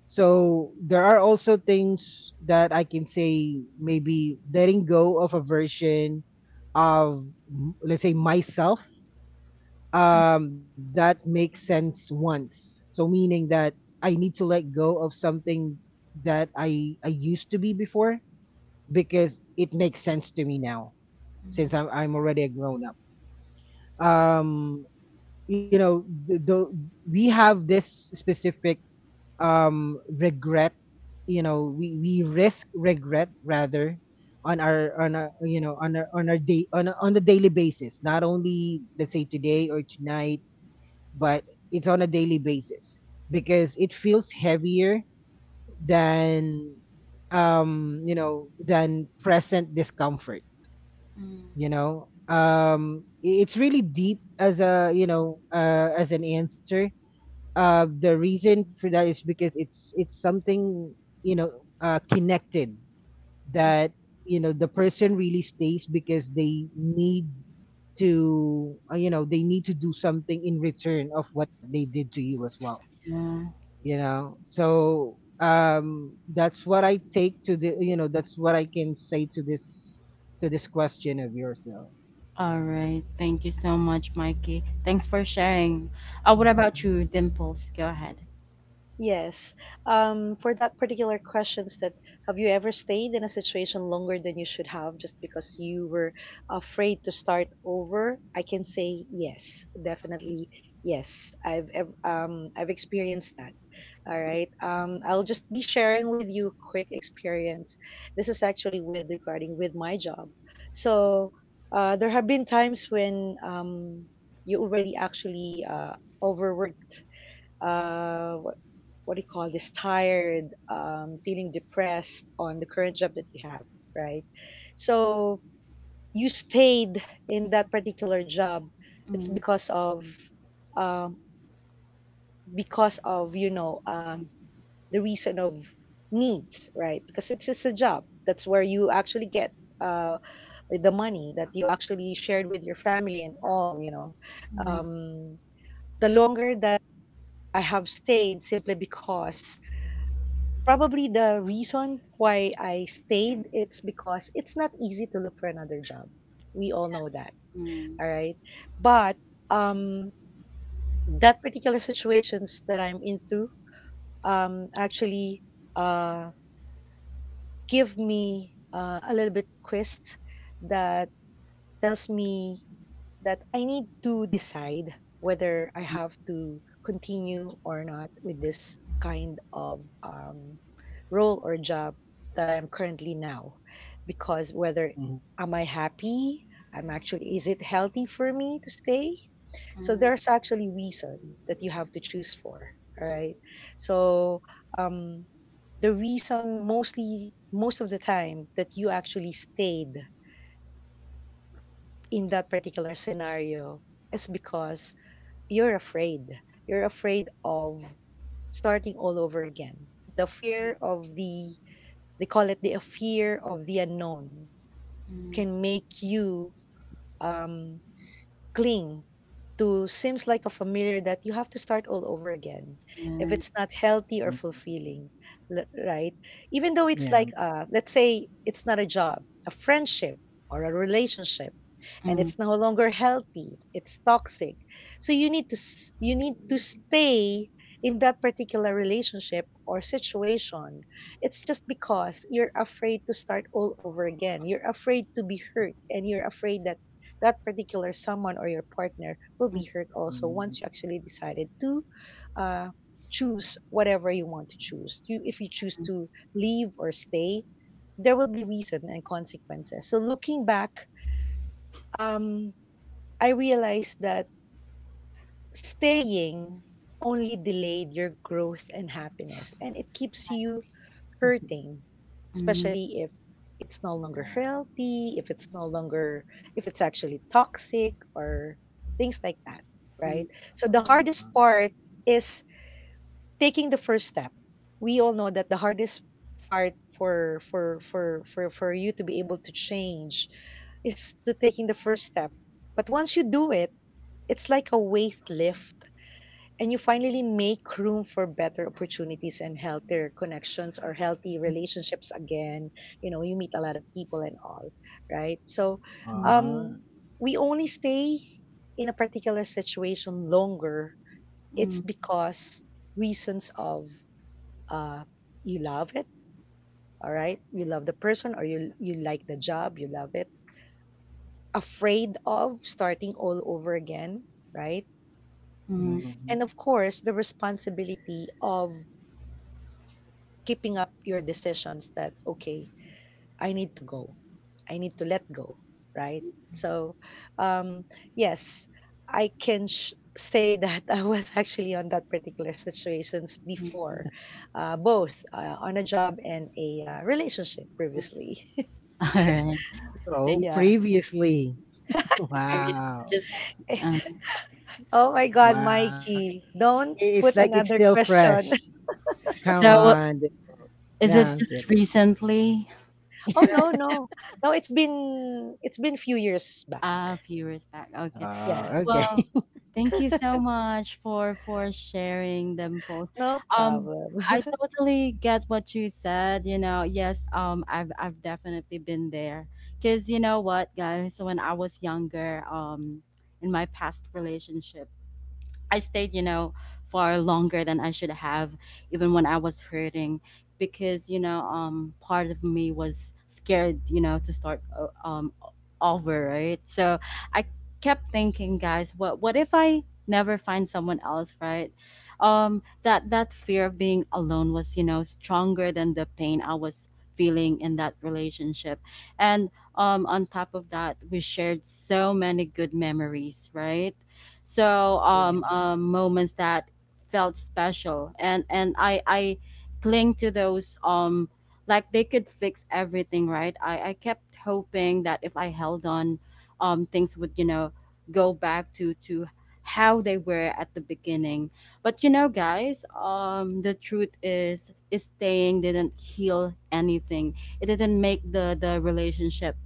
[SPEAKER 2] So there are also things that I can say, maybe letting go of a version of, let's say, myself, that makes sense once, so meaning that I need to let go of something that I used to be before, because it makes sense to me now, since I'm already a grown up. um we have this specific, regret, you know, we risk, regret rather, on our— on our day— on a daily basis, not only, let's say, today or tonight, but it's on a daily basis, because it feels heavier than, than present discomfort.
[SPEAKER 1] mm.
[SPEAKER 2] You know, it's really deep as, a you know as an answer. The reason for that is because it's— something, connected, that, you know, the person really stays because they need to, they need to do something in return of what they did to you as well,
[SPEAKER 1] Yeah.
[SPEAKER 2] you know. That's what I take to the, you know, that's what I can say to this— to this question of yours, though.
[SPEAKER 1] All right. Thank you so much, Mikey. Thanks for sharing. What
[SPEAKER 2] Mhm.
[SPEAKER 1] about you, Dimples? Go ahead.
[SPEAKER 3] Yes. For that particular questions that have you ever stayed in a situation longer than you should have just because you were afraid to start over? I can say yes, definitely yes. I've experienced that. All right. I'll just be sharing with you quick experience. This is actually with regarding with my job. So, there have been times when you already actually overworked, uh, what, what do you call this, tired, feeling depressed on the current job that you have, right? So you stayed in that particular job. It's
[SPEAKER 1] Mm,
[SPEAKER 3] um, because of, you know, the reason of needs, right? Because it's a job. That's where you actually get uh, the money that you actually shared with your family and all, you know.
[SPEAKER 1] yeah.
[SPEAKER 3] Um, the longer that I have stayed simply because, probably the reason why I stayed it's because it's not easy to look for another job. We all know that,
[SPEAKER 1] Mm,
[SPEAKER 3] all right? But um that particular situations that I'm in through actually uh give me a little bit twist that tells me that I need to decide whether I
[SPEAKER 1] mm,
[SPEAKER 3] have to continue or not with this kind of um, role or job that I'm currently now. Because whether
[SPEAKER 2] Mhm,
[SPEAKER 3] am I happy, I'm actually, is it healthy for me to stay? So there's actually reason that you have to choose for, right? So um, the reason mostly, most of the time that you actually stayed in that particular scenario is because you're afraid. You're afraid of starting all over again. The fear of the they call it the fear of the unknown,
[SPEAKER 1] mm,
[SPEAKER 3] can make you um cling to seems like a familiar that you have to start all over again if
[SPEAKER 1] mm, yes.
[SPEAKER 3] it's not healthy or
[SPEAKER 2] mhm.
[SPEAKER 3] fulfilling, right? Even though it's
[SPEAKER 2] Yeah.
[SPEAKER 3] like, let's say it's not a job, a friendship or a relationship, and
[SPEAKER 1] Mm,
[SPEAKER 3] it's no longer healthy, it's toxic. So you need to stay in that particular relationship or situation. It's just because you're afraid to start all over again. You're afraid to be hurt, and you're afraid that that particular someone or your partner will
[SPEAKER 1] mm,
[SPEAKER 3] be hurt also
[SPEAKER 2] Mhm.
[SPEAKER 3] once you actually decided to uh, choose whatever you want to choose. You, if you choose to leave or stay, there will be reason and consequences. So looking back, um, I realized that staying only delayed your growth and happiness and it keeps you
[SPEAKER 1] exactly.
[SPEAKER 3] hurting,
[SPEAKER 1] Mm,
[SPEAKER 3] especially if it's no longer
[SPEAKER 2] Yeah.
[SPEAKER 3] healthy, if it's no longer, if it's actually toxic or things like that, right?
[SPEAKER 1] mm,
[SPEAKER 3] So the
[SPEAKER 2] Uh,
[SPEAKER 3] hardest part is taking the first step. We all know that the hardest part for you to be able to change is to taking the first step. But once you do it, it's like a weight lift, and you finally make room for better opportunities and healthier connections or healthy relationships again. You know, you meet a lot of people and all, right? So
[SPEAKER 1] mm,
[SPEAKER 3] um
[SPEAKER 2] uh,
[SPEAKER 3] we only stay in a particular situation longer, it's
[SPEAKER 1] mm,
[SPEAKER 3] because reasons of uh you love it, all right? You love the person or you like the job, you love it, afraid of starting all over again, right?
[SPEAKER 1] mm.
[SPEAKER 2] mhm.
[SPEAKER 3] And of course the responsibility of keeping up your decisions that okay, I need to go, I need to let go, right? So um yes, I can say that I was actually on that particular situations
[SPEAKER 1] Mm,
[SPEAKER 3] before, both on a job and a relationship
[SPEAKER 1] mm.
[SPEAKER 3] previously.
[SPEAKER 1] Alright. Thank you.
[SPEAKER 2] Oh,
[SPEAKER 3] Yeah.
[SPEAKER 2] previously.
[SPEAKER 1] It's
[SPEAKER 2] Wow.
[SPEAKER 1] Just uh,
[SPEAKER 3] Oh my god,
[SPEAKER 2] Wow.
[SPEAKER 3] Mikey, don't
[SPEAKER 2] It's like
[SPEAKER 3] put
[SPEAKER 2] it's still
[SPEAKER 3] another
[SPEAKER 2] fresh.
[SPEAKER 3] question.
[SPEAKER 2] Come
[SPEAKER 1] so
[SPEAKER 2] on, this close. No,
[SPEAKER 1] is it
[SPEAKER 2] I'm
[SPEAKER 1] just
[SPEAKER 2] kidding.
[SPEAKER 1] recently?
[SPEAKER 3] Oh no,
[SPEAKER 1] Right?
[SPEAKER 3] no,
[SPEAKER 1] That
[SPEAKER 3] no,
[SPEAKER 1] was
[SPEAKER 3] it's been, it's been few years back.
[SPEAKER 1] a few years back. Okay.
[SPEAKER 3] Yeah.
[SPEAKER 2] Oh, okay.
[SPEAKER 1] Well, thank you so much for sharing them both.
[SPEAKER 3] No
[SPEAKER 1] Um,
[SPEAKER 3] problem.
[SPEAKER 1] I totally get what you said, you know. Yes, I've definitely been there. Cuz you know what, guys, when I was younger, in my past relationship, I stayed, you know, far longer than I should have, even when I was hurting, because, you know, part of me was scared, you know, to start over, right? So I kept thinking, guys, what if I never find someone else, right? That fear of being alone was, you know, stronger than the pain I was feeling in that relationship, and on top of that, we shared so many good memories, right? So moments that felt special and I cling to those, like they could fix everything, right? I kept hoping that if I held on, things would, you know, go back to how they were at the beginning. But you know, guys, the truth is, staying didn't heal anything. It didn't make the relationship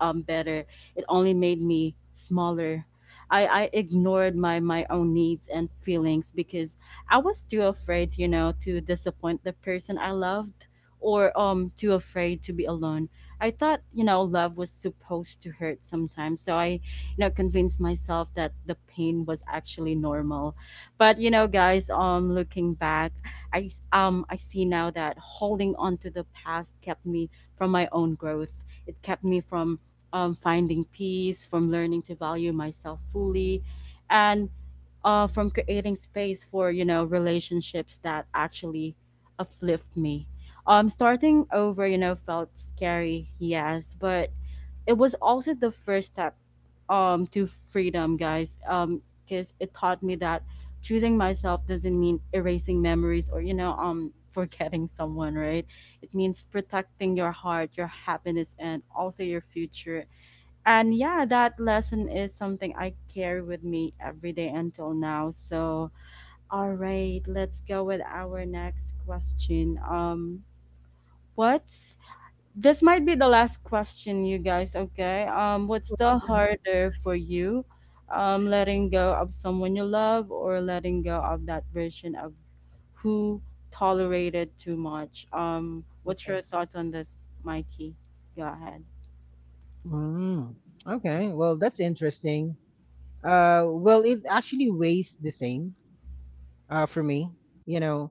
[SPEAKER 1] better. It only made me smaller. I ignored my own needs and feelings because I was too afraid, you know, to disappoint the person I loved, or too afraid to be alone. I thought, you know, love was supposed to hurt sometimes, so I, you know, convinced myself that the pain was actually normal. But you know, guys, looking back, I see now that holding on to the past kept me from my own growth. It kept me from finding peace, from learning to value myself fully, and from creating space for, you know, relationships that actually uplift me. Starting over, you know, felt scary, yes, but it was also the first step to freedom, guys, because it taught me that choosing myself doesn't mean erasing memories or, you know, forgetting someone, right? It means protecting your heart, your happiness, and also your future. And yeah, that lesson is something I carry with me every day until now. So, all right, let's go with our next question. What's This might be the last question, you guys, okay? What's the
[SPEAKER 2] Mhm.
[SPEAKER 1] harder for you? Letting go of someone you love or letting go of that version of who tolerated too much? What's
[SPEAKER 3] Okay.
[SPEAKER 1] your thoughts on this, Mikey? Go ahead.
[SPEAKER 2] Mm, okay. Well, that's interesting. Well, it actually weighs the same, for me, you know,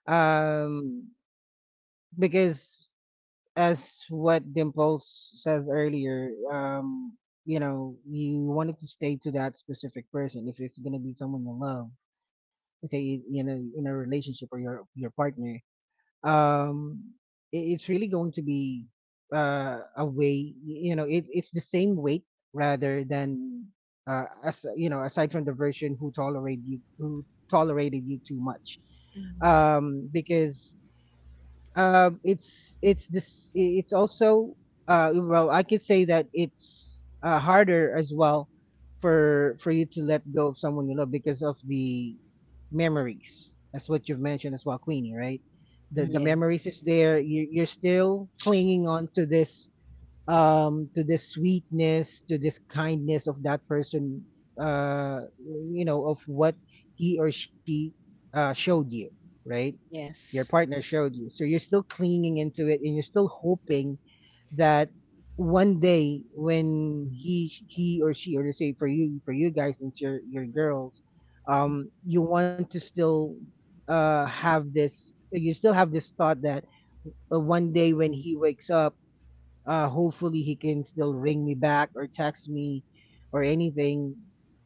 [SPEAKER 2] um, because, as what Dimples says earlier, you know, you wanted to stay to that specific person, if it's gonna be someone you love, say, you know, in a relationship, or your partner. um it's really going to be, a way— you know, it's the same weight, rather than, as, you know, aside from the version who tolerated you— who tolerated you too much. Because, it's this it's also well, I could say that it's, harder as well, for you to let go of someone you love, because of the memories. That's what you've mentioned as well, Queenie, right? The
[SPEAKER 3] Yes.
[SPEAKER 2] memories is there. You're still clinging on to this, to the sweetness, to this kindness of that person, uh you know, of what he or she showed you, right? Your
[SPEAKER 3] Yes.
[SPEAKER 2] partner showed you, so you're still clinging into it, and you're still hoping that one day, when he or she, or let's say, for you— guys, and your girls, you want to still, have this— you still have this thought, that, one day when he wakes up, hopefully he can still ring me back, or text me, or anything,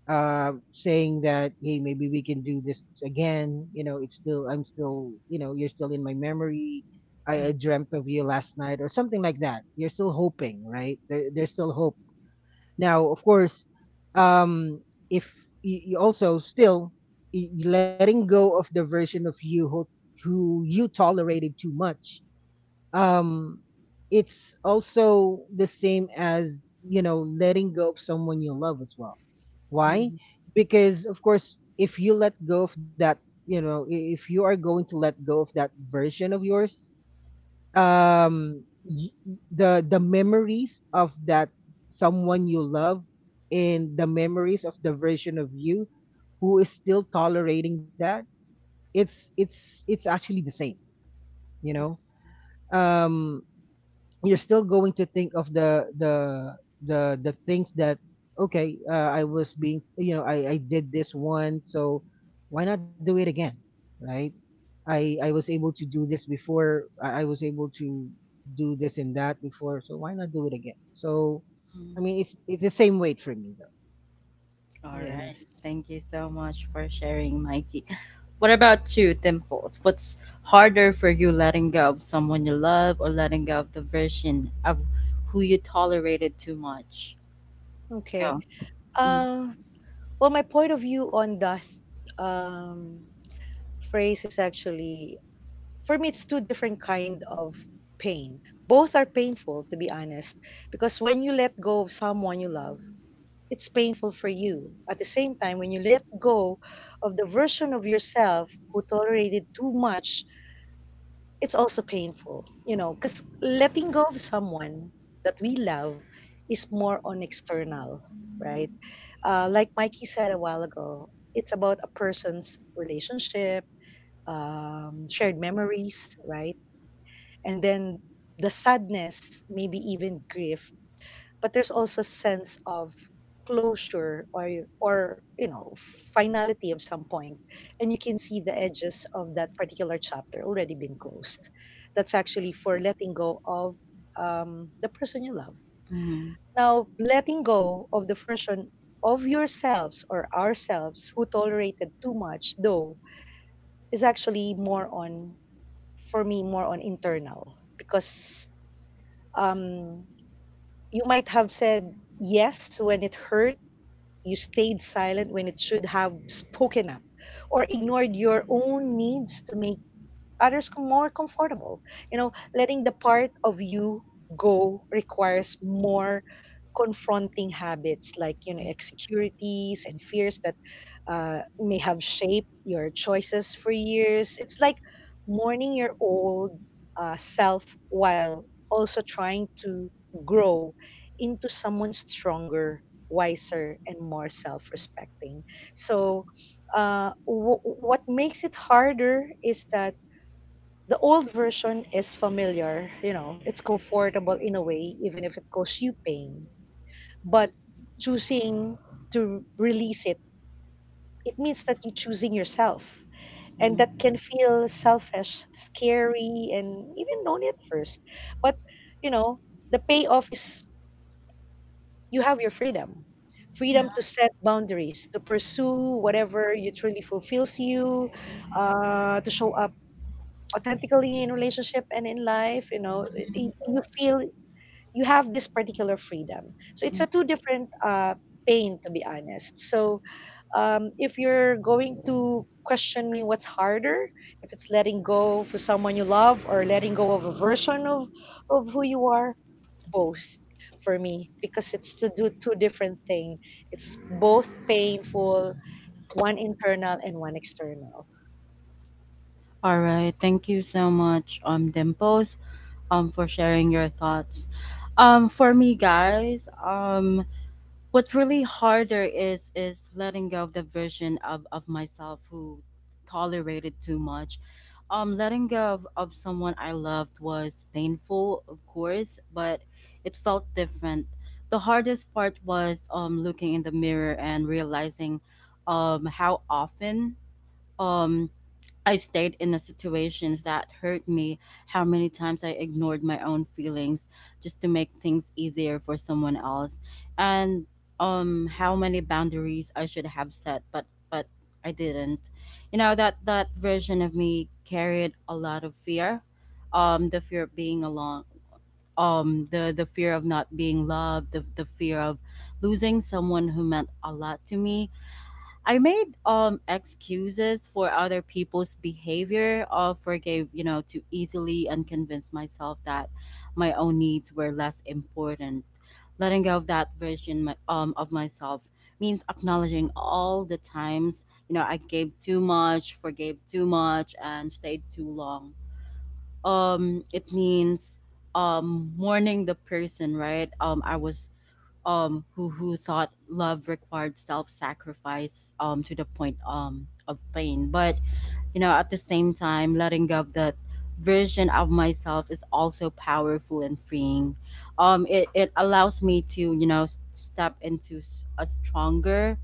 [SPEAKER 2] saying that, hey, maybe we can do this again. You're still in my memory. I dreamt of you last night or something like that. You're still hoping, right? There's still hope. Now, of course, um if you also still, letting go of the version of you, who— you tolerated too much, um it's also the same as, you know, letting go of someone you love as well. Why?
[SPEAKER 3] Mhm.
[SPEAKER 2] Because of course, if you let go of that, if you are going to let go of that version of yours, um y- the memories of that someone you love, and the memories of the version of you who is still tolerating that, it's actually the same, you know. um you're still going to think of the things that, okay, I was being, you know, I did this one, so why not do it again, right? I was able to do this before, I was able to do this and that before, so why not do it again, so, I
[SPEAKER 1] Mhm.
[SPEAKER 2] mean, it's the same weight for me, though.
[SPEAKER 1] All right.
[SPEAKER 3] Yes.
[SPEAKER 1] Thank you so much for sharing, Mikey. What about you, Dimples? What's harder for you, letting go of someone you love or letting go of the version of who you tolerated too much?
[SPEAKER 3] Okay.
[SPEAKER 1] Go. Mm,
[SPEAKER 3] Uh, well, my point of view on that um, phrase is actually, for me, it's two different kind of pain. Both are painful, to be honest, because when you let go of someone you love, it's painful for you. At the same time, when you let go of the version of yourself who tolerated too much, it's also painful, you know, because letting go of someone that we love is more on external, right? Like Mikey said a while ago, it's about a person's relationship, shared memories, right? And then the sadness, maybe even grief, but there's also a sense of closure or you know, finality of some point, and you can see the edges of that particular chapter already been closed. That's actually for letting go of the person you love.
[SPEAKER 1] mm,
[SPEAKER 3] Now letting go of the version of yourselves or ourselves who tolerated too much though is actually more on, for me more on internal, because um, you might have said yes when it hurt. You stayed silent when it should have spoken up, or ignored your own needs to make others more comfortable. You know, letting the part of you go requires more confronting habits like you know insecurities and fears that may have shaped your choices for years. It's like mourning your old self while also trying to grow into someone stronger, wiser, and more self-respecting. So, what makes it harder is that the old version is familiar, you know, it's comfortable in a way, even if it causes you pain. But choosing to release it, it means that you're choosing yourself. And
[SPEAKER 1] mm,
[SPEAKER 3] that can feel selfish, scary, and even lonely at first. But, you know, the payoff is you have your freedom, freedom
[SPEAKER 1] yeah,
[SPEAKER 3] to set boundaries, to pursue whatever you truly fulfills you, to show up authentically in relationship and in life, you know,
[SPEAKER 1] mm,
[SPEAKER 3] you feel you have this particular freedom. So it's
[SPEAKER 1] mm.
[SPEAKER 3] a two different pain, to be honest. So if you're going to question me what's harder, if it's letting go for someone you love or letting go of a version of who you are, both, for me, because it's to do two different things. It's both painful, one internal and one external.
[SPEAKER 1] All right. Thank you so much, Dimples, for sharing your thoughts. For me, guys, what really harder is letting go of the version of myself who tolerated too much. Letting go of someone I loved was painful, of course, but it felt different. The hardest part was looking in the mirror and realizing how often um I stayed in the situations that hurt me, how many times I ignored my own feelings just to make things easier for someone else, and how many boundaries I should have set, but I didn't. You know, that that version of me carried a lot of fear. The fear of being alone, the fear of not being loved, the fear of losing someone who meant a lot to me. I made excuses for other people's behavior or forgave, you know, too easily and convinced myself that my own needs were less important. Letting go of that of myself means acknowledging all the times, you know, I gave too much, forgave too much, and stayed too long. It means mourning the person, right? I was who thought love required self sacrifice, to the point of pain. But you know, at the same time, letting go of that version of myself is also powerful and freeing. It allows me to, you know, step into a stronger,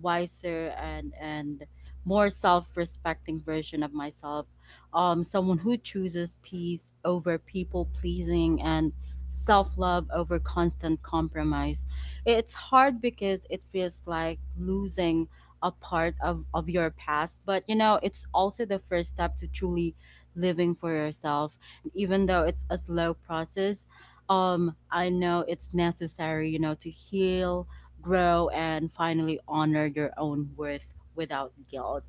[SPEAKER 1] wiser, and more self-respecting version of myself, someone who chooses peace over people pleasing and self-love over constant compromise. It's hard because it feels like losing a part of your past, but you know, it's also the first step to truly living for yourself. And even though it's a slow process, I know it's necessary, you know, to heal, grow, and finally honor your own worth without guilt.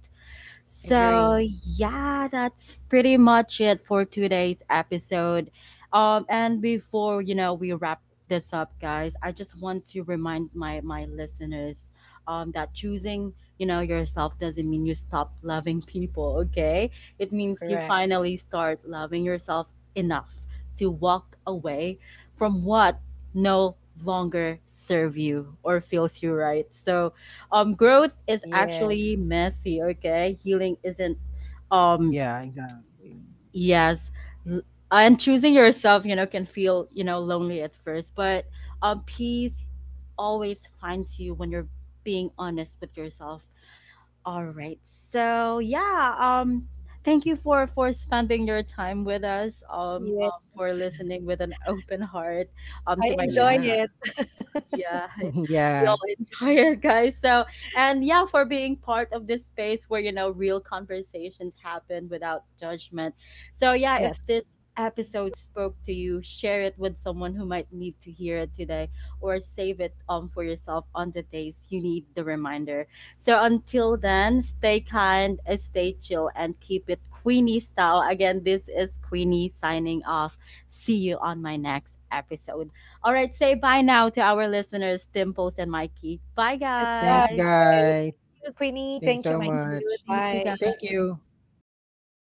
[SPEAKER 3] Agree.
[SPEAKER 1] So yeah, that's pretty much it for today's episode. And before, you know, we wrap this up, guys, I just want to remind my listeners, that choosing, you know, yourself doesn't mean you stop loving people. Okay, it means you
[SPEAKER 3] Correct.
[SPEAKER 1] finally start loving yourself enough to walk away from what no longer serve you or feels you, right? So growth is
[SPEAKER 3] Yes.
[SPEAKER 1] actually messy, okay? Healing isn't,
[SPEAKER 2] Yeah,
[SPEAKER 1] um
[SPEAKER 2] exactly.
[SPEAKER 1] yes L- and choosing yourself, you know, can feel, you know, lonely at first, but peace always finds you when you're being honest with yourself. All right, so yeah, thank you for spending your time with us,
[SPEAKER 3] Yes,
[SPEAKER 1] for listening with an open heart
[SPEAKER 3] I
[SPEAKER 1] to my
[SPEAKER 3] enjoy
[SPEAKER 2] Yeah.
[SPEAKER 1] listeners.
[SPEAKER 3] it.
[SPEAKER 1] Yeah,
[SPEAKER 2] Yeah.
[SPEAKER 1] we all enjoy it, guys. So, and yeah, for being part of this space where, you know, real conversations happen without judgment. So, yeah, if
[SPEAKER 3] Yes,
[SPEAKER 1] this episode spoke to you, share it with someone who might need to hear it today or save it for yourself on the days you need the reminder. So, until then, stay kind, stay chill, and keep it Queenie style. Again, this is Queenie signing off. See you on my next episode. All right, say bye now to our listeners, Dimples and Mikey. Bye,
[SPEAKER 3] that's why.
[SPEAKER 2] Thanks,
[SPEAKER 1] guys.
[SPEAKER 3] Thank
[SPEAKER 2] guys.
[SPEAKER 3] you, Queenie.
[SPEAKER 2] Thanks
[SPEAKER 3] Thank you,
[SPEAKER 2] so
[SPEAKER 1] Thank
[SPEAKER 3] Mikey.
[SPEAKER 1] you.
[SPEAKER 2] much.
[SPEAKER 1] Thank you,
[SPEAKER 3] Bye.
[SPEAKER 2] Thank you.
[SPEAKER 1] guys.